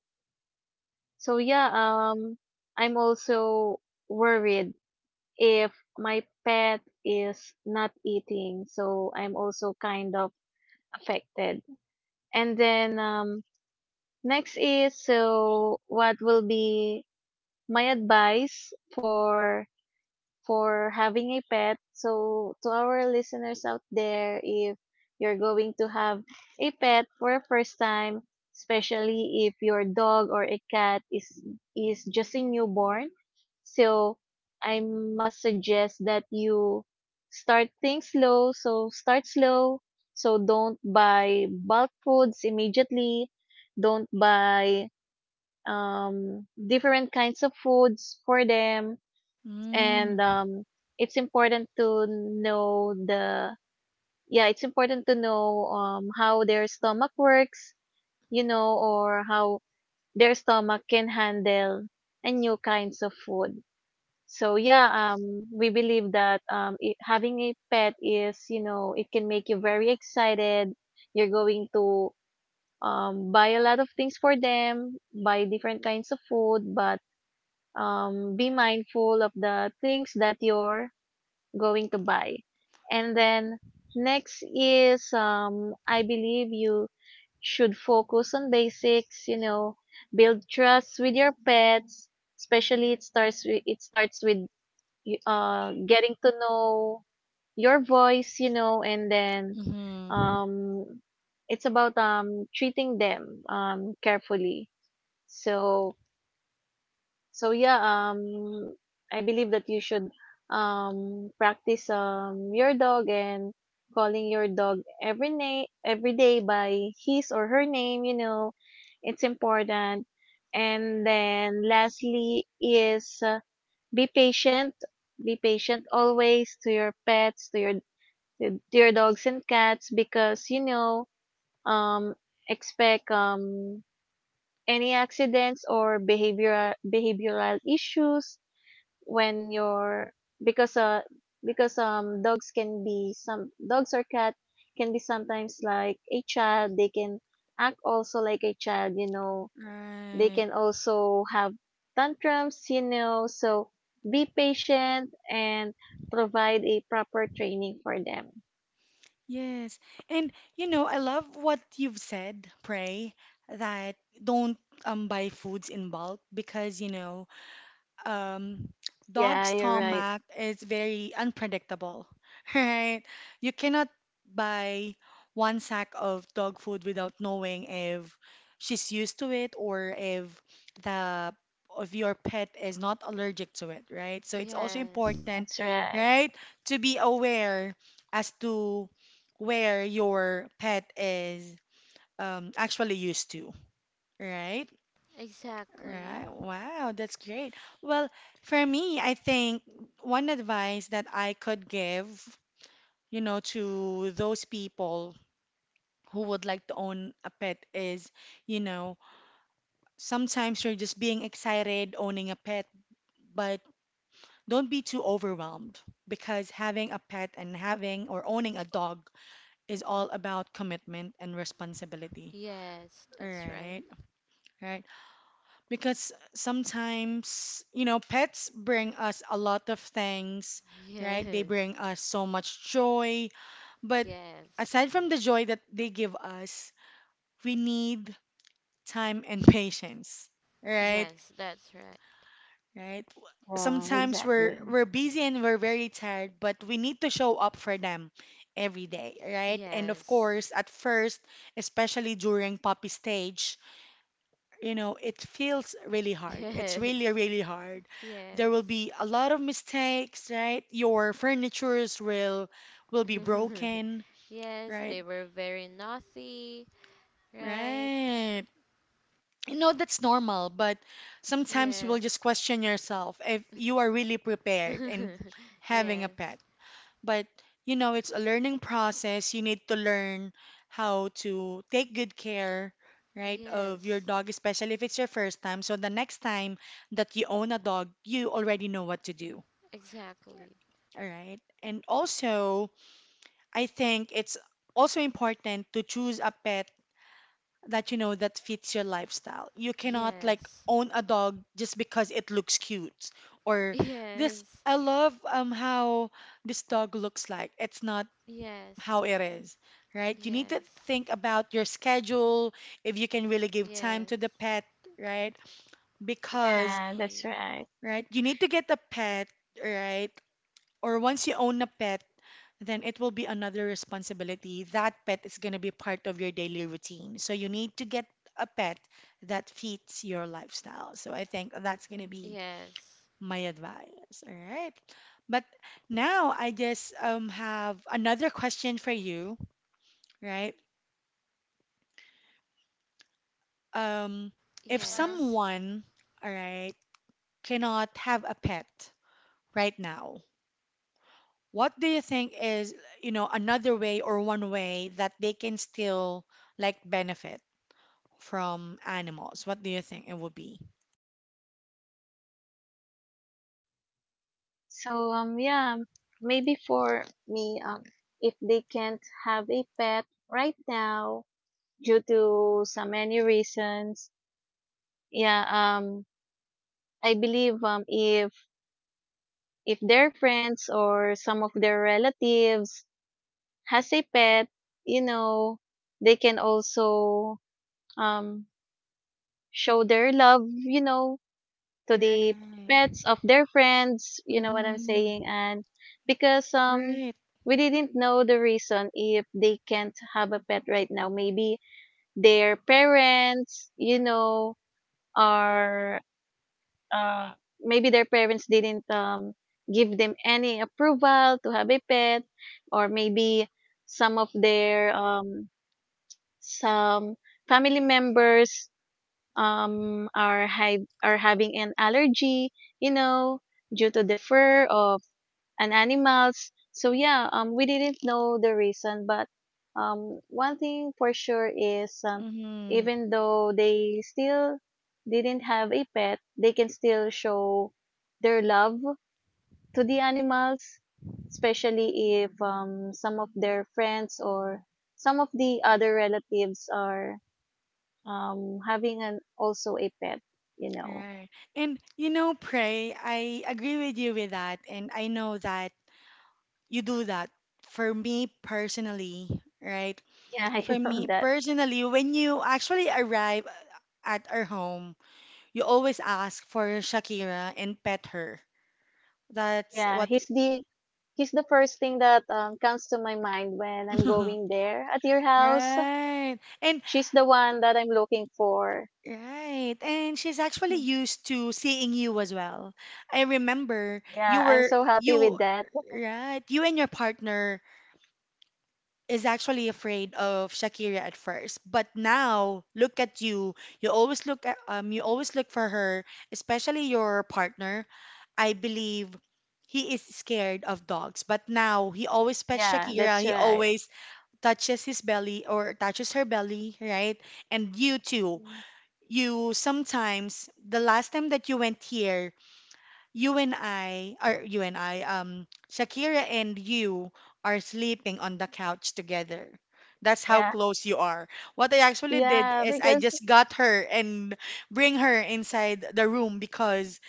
Speaker 2: so yeah, I'm also worried if my pet is not eating, so I'm also kind of affected. And then next is, so what will be my advice for having a pet. So, to our listeners out there, if you're going to have a pet for a first time, especially if your dog or a cat is just a newborn, so I must suggest that you start things slow. So start slow. So don't buy bulk foods immediately. Don't buy different kinds of foods for them, and
Speaker 1: Mm-hmm.
Speaker 2: it's important to know the yeah it's important to know how their stomach works, you know, or how their stomach can handle a new kinds of food. So yeah, we believe that having a pet is, you know, it can make you very excited. You're going to buy a lot of things for them, buy different kinds of food, but be mindful of the things that you're going to buy. And then next is I believe you should focus on basics, you know, build trust with your pets, especially it starts with getting to know your voice, you know, and then
Speaker 1: Mm-hmm.
Speaker 2: um it's about treating them carefully. So so yeah, I believe that you should practice your dog and calling your dog every name every day by his or her name. You know, it's important. And then lastly is be patient. Be patient always to your pets, to your dogs and cats because um expect any accidents or behavioral issues when you're because uh because dogs can be some dogs or cat can be sometimes like a child. They can act also like a child, you know, they
Speaker 1: Right.
Speaker 2: can also have tantrums, you know, so be patient and provide a proper training for them.
Speaker 1: Yes. And you know, I love what you've said, Pray, that don't buy foods in bulk because you know, um, dog
Speaker 2: Yeah, you're right.
Speaker 1: stomach is very unpredictable, right? You cannot buy one sack of dog food without knowing if she's used to it or if the if your pet is not allergic to it, right? So it's also
Speaker 3: Yes,
Speaker 1: important,
Speaker 2: That's right.
Speaker 1: right, to be aware as to where your pet is actually used to, right? Right.
Speaker 3: exactly.
Speaker 1: Wow, that's great. Well, for me, I think one advice that I could give, to those people who would like to own a pet is, you know, sometimes you're just being excited owning a pet, but don't be too overwhelmed because having a pet and having or owning a dog is all about commitment and responsibility.
Speaker 3: Yes, that's right.
Speaker 1: Right. Right. Because sometimes, you know, pets bring us a lot of things, right? They
Speaker 3: Yes,
Speaker 1: bring us so much joy, but
Speaker 3: yes,
Speaker 1: aside from the joy that they give us, we need time and patience, right?
Speaker 3: yes, that's right.
Speaker 1: Right.
Speaker 2: Yeah,
Speaker 1: Sometimes we're
Speaker 2: exactly.
Speaker 1: we're busy and we're very tired, but we need to show up for them every day, right? And of
Speaker 3: Yes,
Speaker 1: course, at first, especially during puppy stage, it feels really hard. It's
Speaker 3: yes,
Speaker 1: really, really hard.
Speaker 3: yes.
Speaker 1: There will be a lot of mistakes, right? Your furnitures will be broken,
Speaker 3: Yes,
Speaker 1: right?
Speaker 3: they were very naughty, right?
Speaker 1: Right. You know, that's normal, but sometimes you will just
Speaker 3: Yes,
Speaker 1: question yourself if you are really prepared in having a
Speaker 3: yes,
Speaker 1: pet. But you know, it's a learning process. You need to learn how to take good care, right, of your
Speaker 3: yes,
Speaker 1: dog, especially if it's your first time. So the next time that you own a dog, you already know what to do.
Speaker 3: exactly.
Speaker 1: All right. And also, I think it's also important to choose a pet that, you know, that fits your lifestyle. You cannot like
Speaker 3: Yes,
Speaker 1: own a dog just because it looks cute, or this
Speaker 3: yes,
Speaker 1: I love how this dog looks like. It's not
Speaker 3: yes,
Speaker 1: how it is, right? You need to
Speaker 3: yes,
Speaker 1: think about your schedule, if you can really give time to the
Speaker 3: yes.
Speaker 1: pet, right? Because,
Speaker 2: Yeah, that's
Speaker 3: Exactly.
Speaker 2: right.
Speaker 1: right, you need to get a pet, right? Or once you own a pet, then it will be another responsibility. That pet is going to be part of your daily routine. So you need to get a pet that fits your lifestyle. So I think that's going to be
Speaker 3: Yes.
Speaker 1: my advice. All right. But now I just have another question for you, right? um, if
Speaker 3: Yes.
Speaker 1: someone, all right, cannot have a pet right now, what do you think is, you know, another way or one way that they can still like benefit from animals? What do you think it would be?
Speaker 2: So um yeah, Maybe for me, if they can't have a pet right now due to so many reasons, yeah um I believe, if their friends or some of their relatives has a pet, you know, they can also um show their love, you know, to the
Speaker 1: Right.
Speaker 2: pets of their friends, you know what I'm saying?
Speaker 1: Mm-hmm.
Speaker 2: And because
Speaker 1: Right.
Speaker 2: we didn't know the reason if they can't have a pet right now. Maybe their parents, you know, are uh maybe their parents didn't give them any approval to have a pet, or maybe some of their some family members are are having an allergy, you know, due to the fur of an animals. So we didn't know the reason, but one thing for sure is,
Speaker 1: Mm-hmm.
Speaker 2: even though they still didn't have a pet, they can still show their love to the animals, especially if some of their friends or some of the other relatives are having an also a pet, you know.
Speaker 1: Right. And you know, Pray, I agree with you with that. And I know that you do that for me personally, right?
Speaker 2: Yeah, I
Speaker 1: For
Speaker 2: know
Speaker 1: me
Speaker 2: that.
Speaker 1: personally, when you actually arrive at our home, you always ask for Shakira and pet her. That's
Speaker 2: Yeah,
Speaker 1: what.
Speaker 2: he's the first thing that, comes to my mind when I'm going there at your house.
Speaker 1: Right. And
Speaker 2: She's the one that I'm looking for.
Speaker 1: right. And she's actually
Speaker 2: Mm.
Speaker 1: used to seeing you as well. I remember you
Speaker 2: Yeah, I'm
Speaker 1: were
Speaker 2: so happy
Speaker 1: you
Speaker 2: with that.
Speaker 1: right. You and your partner is actually afraid of Shakira at first, but now look at you. You always look at you always look for her, especially your partner. I believe he is scared of dogs, but now he always pets
Speaker 2: Yeah,
Speaker 1: Shakira.
Speaker 2: that's
Speaker 1: He
Speaker 2: right.
Speaker 1: always touches his belly or touches her belly, right? And you too.
Speaker 2: Mm.
Speaker 1: You sometimes the last time that you went here, you and I, Shakira and you are sleeping on the couch together. That's how
Speaker 2: yeah
Speaker 1: close you are. What I actually did
Speaker 2: yeah,
Speaker 1: is I
Speaker 2: because
Speaker 1: just got her and bring her inside the room because,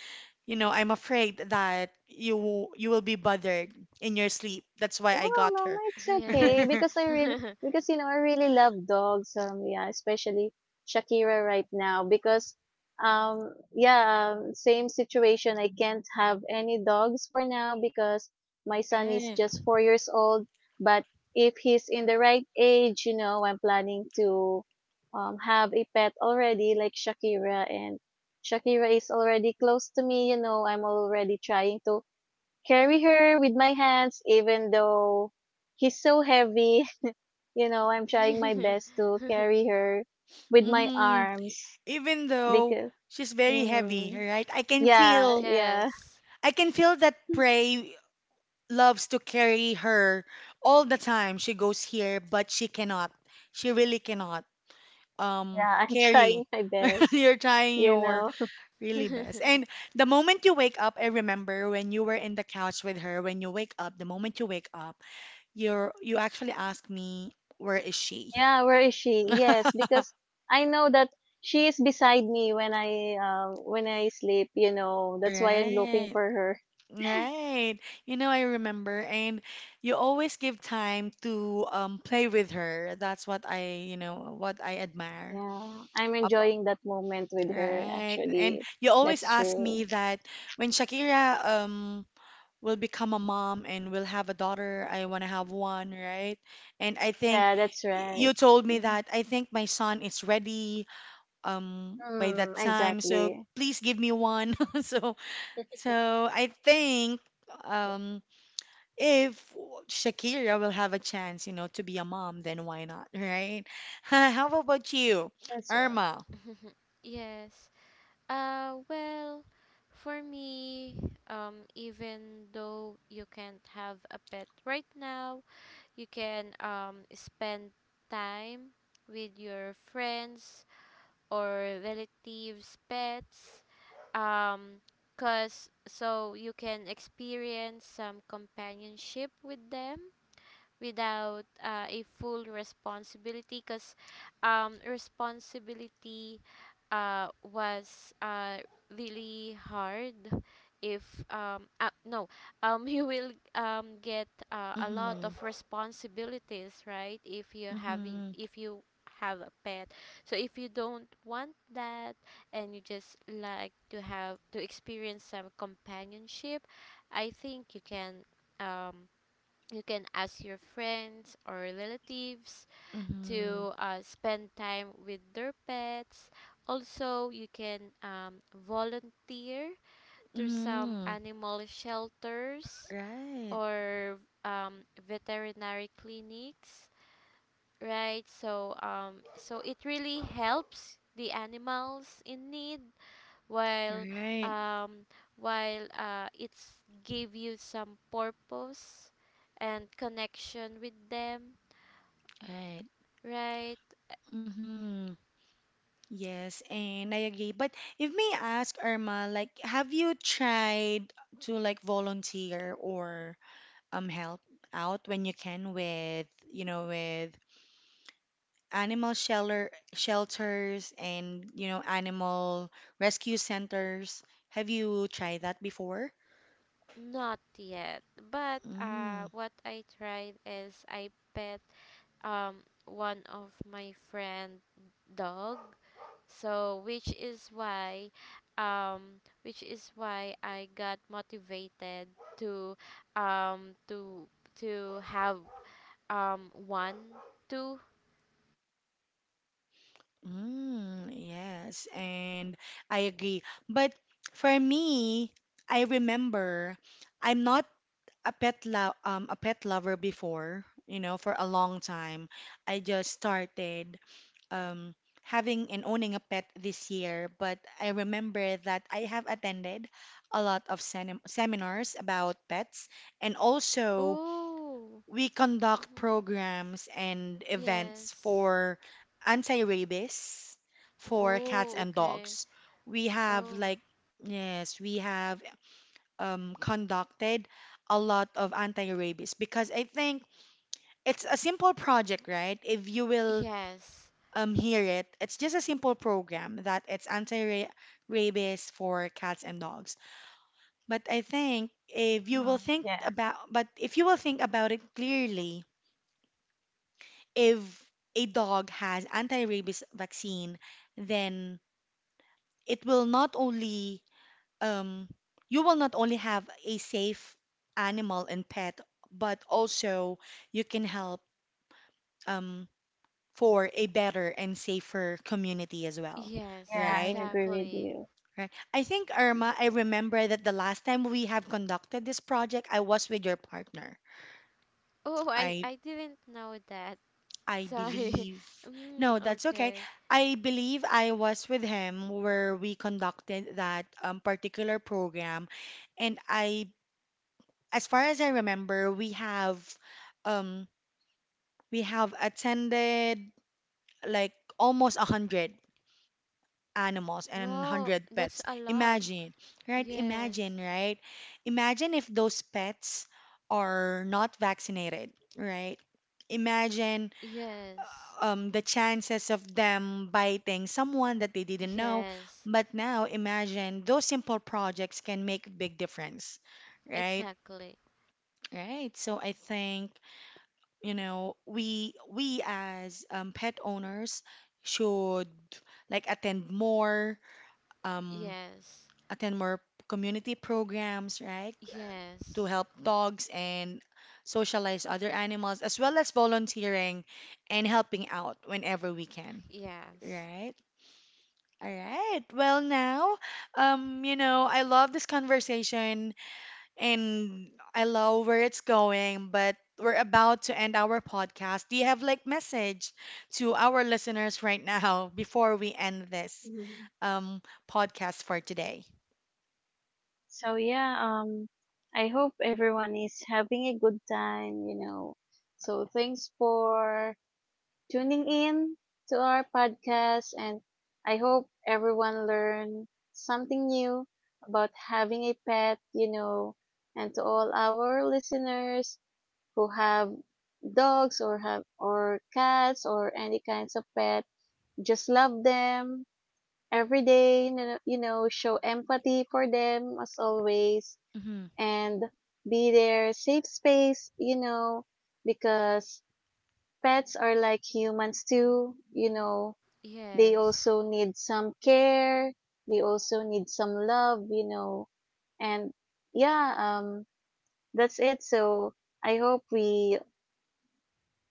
Speaker 1: you know, I'm afraid that you will be bothered in your sleep. That's why
Speaker 2: no,
Speaker 1: I
Speaker 2: no,
Speaker 1: got
Speaker 2: no,
Speaker 1: her.
Speaker 2: it's
Speaker 3: Yes.
Speaker 2: okay because I really, because you know, I really love dogs. Yeah, especially Shakira right now, because yeah same situation. I can't have any dogs for now because my son is
Speaker 1: Right.
Speaker 2: just 4 years old. But if he's in the right age, you know, I'm planning to have a pet already like Shakira. And Shakira is already close to me. You know, I'm already trying to carry her with my hands, even though he's so heavy. You know, I'm trying my best to carry her with my
Speaker 1: Mm-hmm.
Speaker 2: arms
Speaker 1: Even though
Speaker 2: because,
Speaker 1: she's very heavy,
Speaker 2: mm,
Speaker 1: right? I can
Speaker 2: yeah,
Speaker 1: feel.
Speaker 2: yeah,
Speaker 3: Yes.
Speaker 1: I can feel that prey loves to carry her all the time. She goes here, but she cannot. She really cannot
Speaker 2: yeah, I'm trying
Speaker 1: carry.
Speaker 2: my best,
Speaker 1: You're trying
Speaker 2: you
Speaker 1: your
Speaker 2: know.
Speaker 1: really best. And the moment you wake up, I remember when you were in the couch with her, when you wake up, the moment you wake up, you actually ask me, where is she?
Speaker 2: Yeah, where is she? Yes, because I know that she is beside me when I sleep, you know. That's why I'm looking
Speaker 1: Right.
Speaker 2: for her.
Speaker 1: Right. You know, I remember. And you always give time to play with her. That's what I, you know, what I admire.
Speaker 2: Yeah, I'm enjoying that moment with her
Speaker 1: Right. And
Speaker 2: actually.
Speaker 1: you always
Speaker 2: That's
Speaker 1: ask
Speaker 2: true.
Speaker 1: me that when Shakira will become a mom and will have a daughter, I want to have one, right? And I think
Speaker 2: Yeah, that's right.
Speaker 1: you told me
Speaker 2: Mm-hmm.
Speaker 1: that I think my son is ready by
Speaker 2: Mm,
Speaker 1: that time, so
Speaker 2: exactly.
Speaker 1: please give me one. So so I think
Speaker 2: Yeah,
Speaker 1: um if Shakira will have a chance, you know, to be a mom, then why not, right? How about you,
Speaker 2: that's right.
Speaker 1: Irma?
Speaker 3: Yes. Well, for me, even though you can't have a pet right now, you can, spend time with your friends or relatives pets, um cuz so you can experience some companionship with them without, a full responsibility. Cuz responsibility was Really hard, if no you will, get, a lot
Speaker 1: Mm-hmm.
Speaker 3: of responsibilities, right, if you're having,
Speaker 1: Mm-hmm.
Speaker 3: if you have a pet. So if you don't want that, and you just like to have to experience some companionship, I think you can, um you can ask your friends or relatives
Speaker 1: Mm-hmm.
Speaker 3: to, spend time with their pets. Also, you can, volunteer to some
Speaker 1: Mm-hmm.
Speaker 3: animal shelters
Speaker 1: Right.
Speaker 3: or, veterinary clinics, right? So, so it really helps the animals in need, while,
Speaker 1: Right.
Speaker 3: um, it's give you some purpose and connection with them,
Speaker 1: Right.
Speaker 3: right?
Speaker 1: Mm-hmm. Yes, and I agree. But if may ask, Irma, like, have you tried to like volunteer or help out when you can with, you know, with animal shelter shelters and, you know, animal rescue centers? Have you tried that before?
Speaker 3: Not yet, but,
Speaker 1: Mm.
Speaker 3: what I tried is I pet, one of my friend dog. So which is why I got motivated to, um to to have, one, two.
Speaker 1: Mm, yes, and I agree. But for me, I remember I'm not a pet lover before, you know, for a long time. I just started um having and owning a pet this year, but I remember that I have attended a lot of senem seminars about pets, and also
Speaker 3: Oh,
Speaker 1: we
Speaker 3: two. Oh.
Speaker 1: conduct
Speaker 3: Mm-hmm.
Speaker 1: programs and events
Speaker 3: Yes.
Speaker 1: for anti-rabies for cats
Speaker 3: Oh,
Speaker 1: and
Speaker 3: okay.
Speaker 1: dogs. We have
Speaker 3: Oh.
Speaker 1: like, yes, we have conducted a lot of anti-rabies because I think it's a simple project, right? If you will
Speaker 3: Yes,
Speaker 1: hear it, it's just a simple program that it's anti-rabies for cats and dogs. But I think if you will think
Speaker 2: Yeah,
Speaker 1: about, but if you will think about it clearly, if a dog has anti-rabies vaccine, then it will not only um, you will not only have a safe animal and pet, but also you can help um, for a better and safer community as well,
Speaker 3: yes,
Speaker 2: yeah, I
Speaker 1: right?
Speaker 2: agree with
Speaker 3: exactly.
Speaker 2: you.
Speaker 1: Right. I think Irma, I remember that the last time we have conducted this project, I was with your partner.
Speaker 3: Oh, I
Speaker 1: I
Speaker 3: I didn't know that.
Speaker 1: I
Speaker 3: Sorry.
Speaker 1: believe.
Speaker 3: Mm,
Speaker 1: No, that's okay.
Speaker 3: okay.
Speaker 1: I believe I was with him where we conducted that particular program, and I, as far as I remember, um, we have attended like almost 100 animals and
Speaker 3: Wow,
Speaker 1: 100
Speaker 3: that's
Speaker 1: pets.
Speaker 3: a lot.
Speaker 1: Imagine, right?
Speaker 3: Yes.
Speaker 1: Imagine, right? Imagine if those pets are not vaccinated, right? Imagine
Speaker 3: Yes.
Speaker 1: the chances of them biting someone that they didn't know.
Speaker 3: Yes.
Speaker 1: But now imagine those simple projects can make a big difference, right?
Speaker 3: Exactly.
Speaker 1: Right. So I think, you know, we as pet owners should like um,
Speaker 3: Yes.
Speaker 1: attend more community programs, right? To
Speaker 3: Yes.
Speaker 1: help dogs and socialize other animals, as well as volunteering and helping out whenever we can,
Speaker 3: Yes.
Speaker 1: right? All right. Well, now, you know, I love this conversation and I love where it's going, but we're about to end our podcast. Do you have like message to our listeners right now before we end this
Speaker 2: Mhm.
Speaker 1: um podcast for today?
Speaker 2: So yeah, um, I hope everyone is having a good time, you know. So thanks for tuning in to our podcast, and I hope everyone learned something new about having a pet, you know. And to all our listeners who have dogs or have or cats or any kinds of pet, just love them every day, you know, show empathy for them as always,
Speaker 1: Mm-hmm.
Speaker 2: and be their safe space, you know, because pets are like humans too, you know, they
Speaker 3: Yes.
Speaker 2: also need some care, they also need some love, you know. And yeah um that's it. So I hope we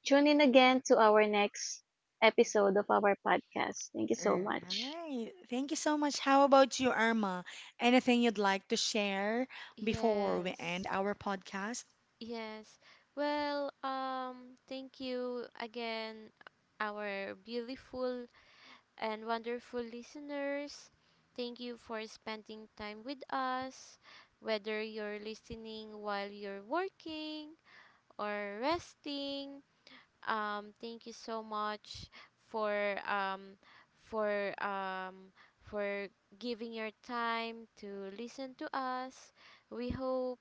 Speaker 2: tune in again to our next episode of our podcast. Thank you so
Speaker 1: All
Speaker 2: much.
Speaker 1: right. Thank you so much. How about you, Irma? Anything you'd like to share before we end
Speaker 3: Yes.
Speaker 1: our podcast?
Speaker 3: Yes. Well, thank you again, our beautiful and wonderful listeners. Thank you for spending time with us, whether you're listening while you're working or resting. Thank you so much for um, for um, for giving your time to listen to us. We hope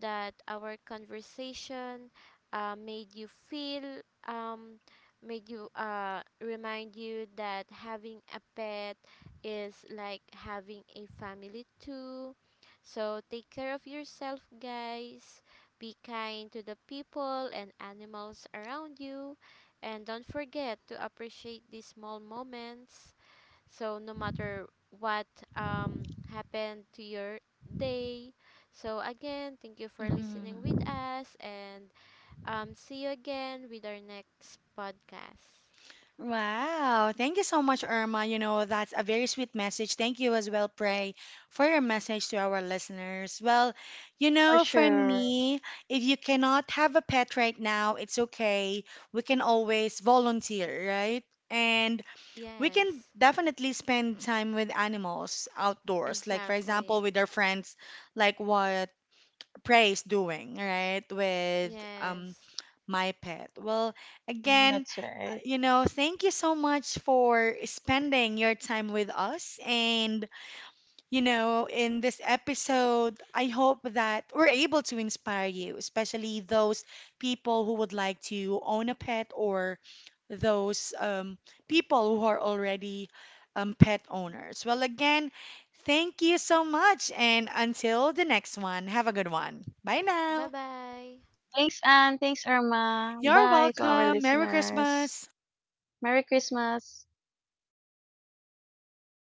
Speaker 3: that our conversation, made you feel, um, made you remind you that having a pet is like having a family too. So take care of yourself, guys. Be kind to the people and animals around you. And don't forget to appreciate these small moments. So, no matter what, happened to your day. So, again, thank you for listening with
Speaker 1: Mm-hmm.
Speaker 3: us. And, see you again with our next podcast.
Speaker 1: Wow. Thank you so much, Irma. You know, that's a very sweet message. Thank you as well, Pray, for your message to our listeners. Well, you
Speaker 2: For
Speaker 1: know, for
Speaker 2: sure.
Speaker 1: me, if you cannot have a pet right now, it's okay. We can always volunteer, right? And we can
Speaker 3: Yes,
Speaker 1: definitely spend time with animals outdoors, like, for example,
Speaker 3: exactly.
Speaker 1: with our friends, like what Prey is doing, right? With um,
Speaker 3: Yes.
Speaker 1: my pet. Well,
Speaker 2: Mm.
Speaker 1: again,
Speaker 2: That's right.
Speaker 1: you know, thank you so much for spending your time with us. And, you know, in this episode, I hope that we're able to inspire you, especially those people who would like to own a pet or those people who are already pet owners. Well, again, thank you so much. And until the next one, have a good one. Bye
Speaker 3: Bye
Speaker 1: now.
Speaker 3: bye.
Speaker 2: Thanks, Anne. Thanks, Irma.
Speaker 1: You're
Speaker 2: Bye to our
Speaker 1: welcome. Merry
Speaker 2: listeners.
Speaker 1: Christmas.
Speaker 2: Merry Christmas.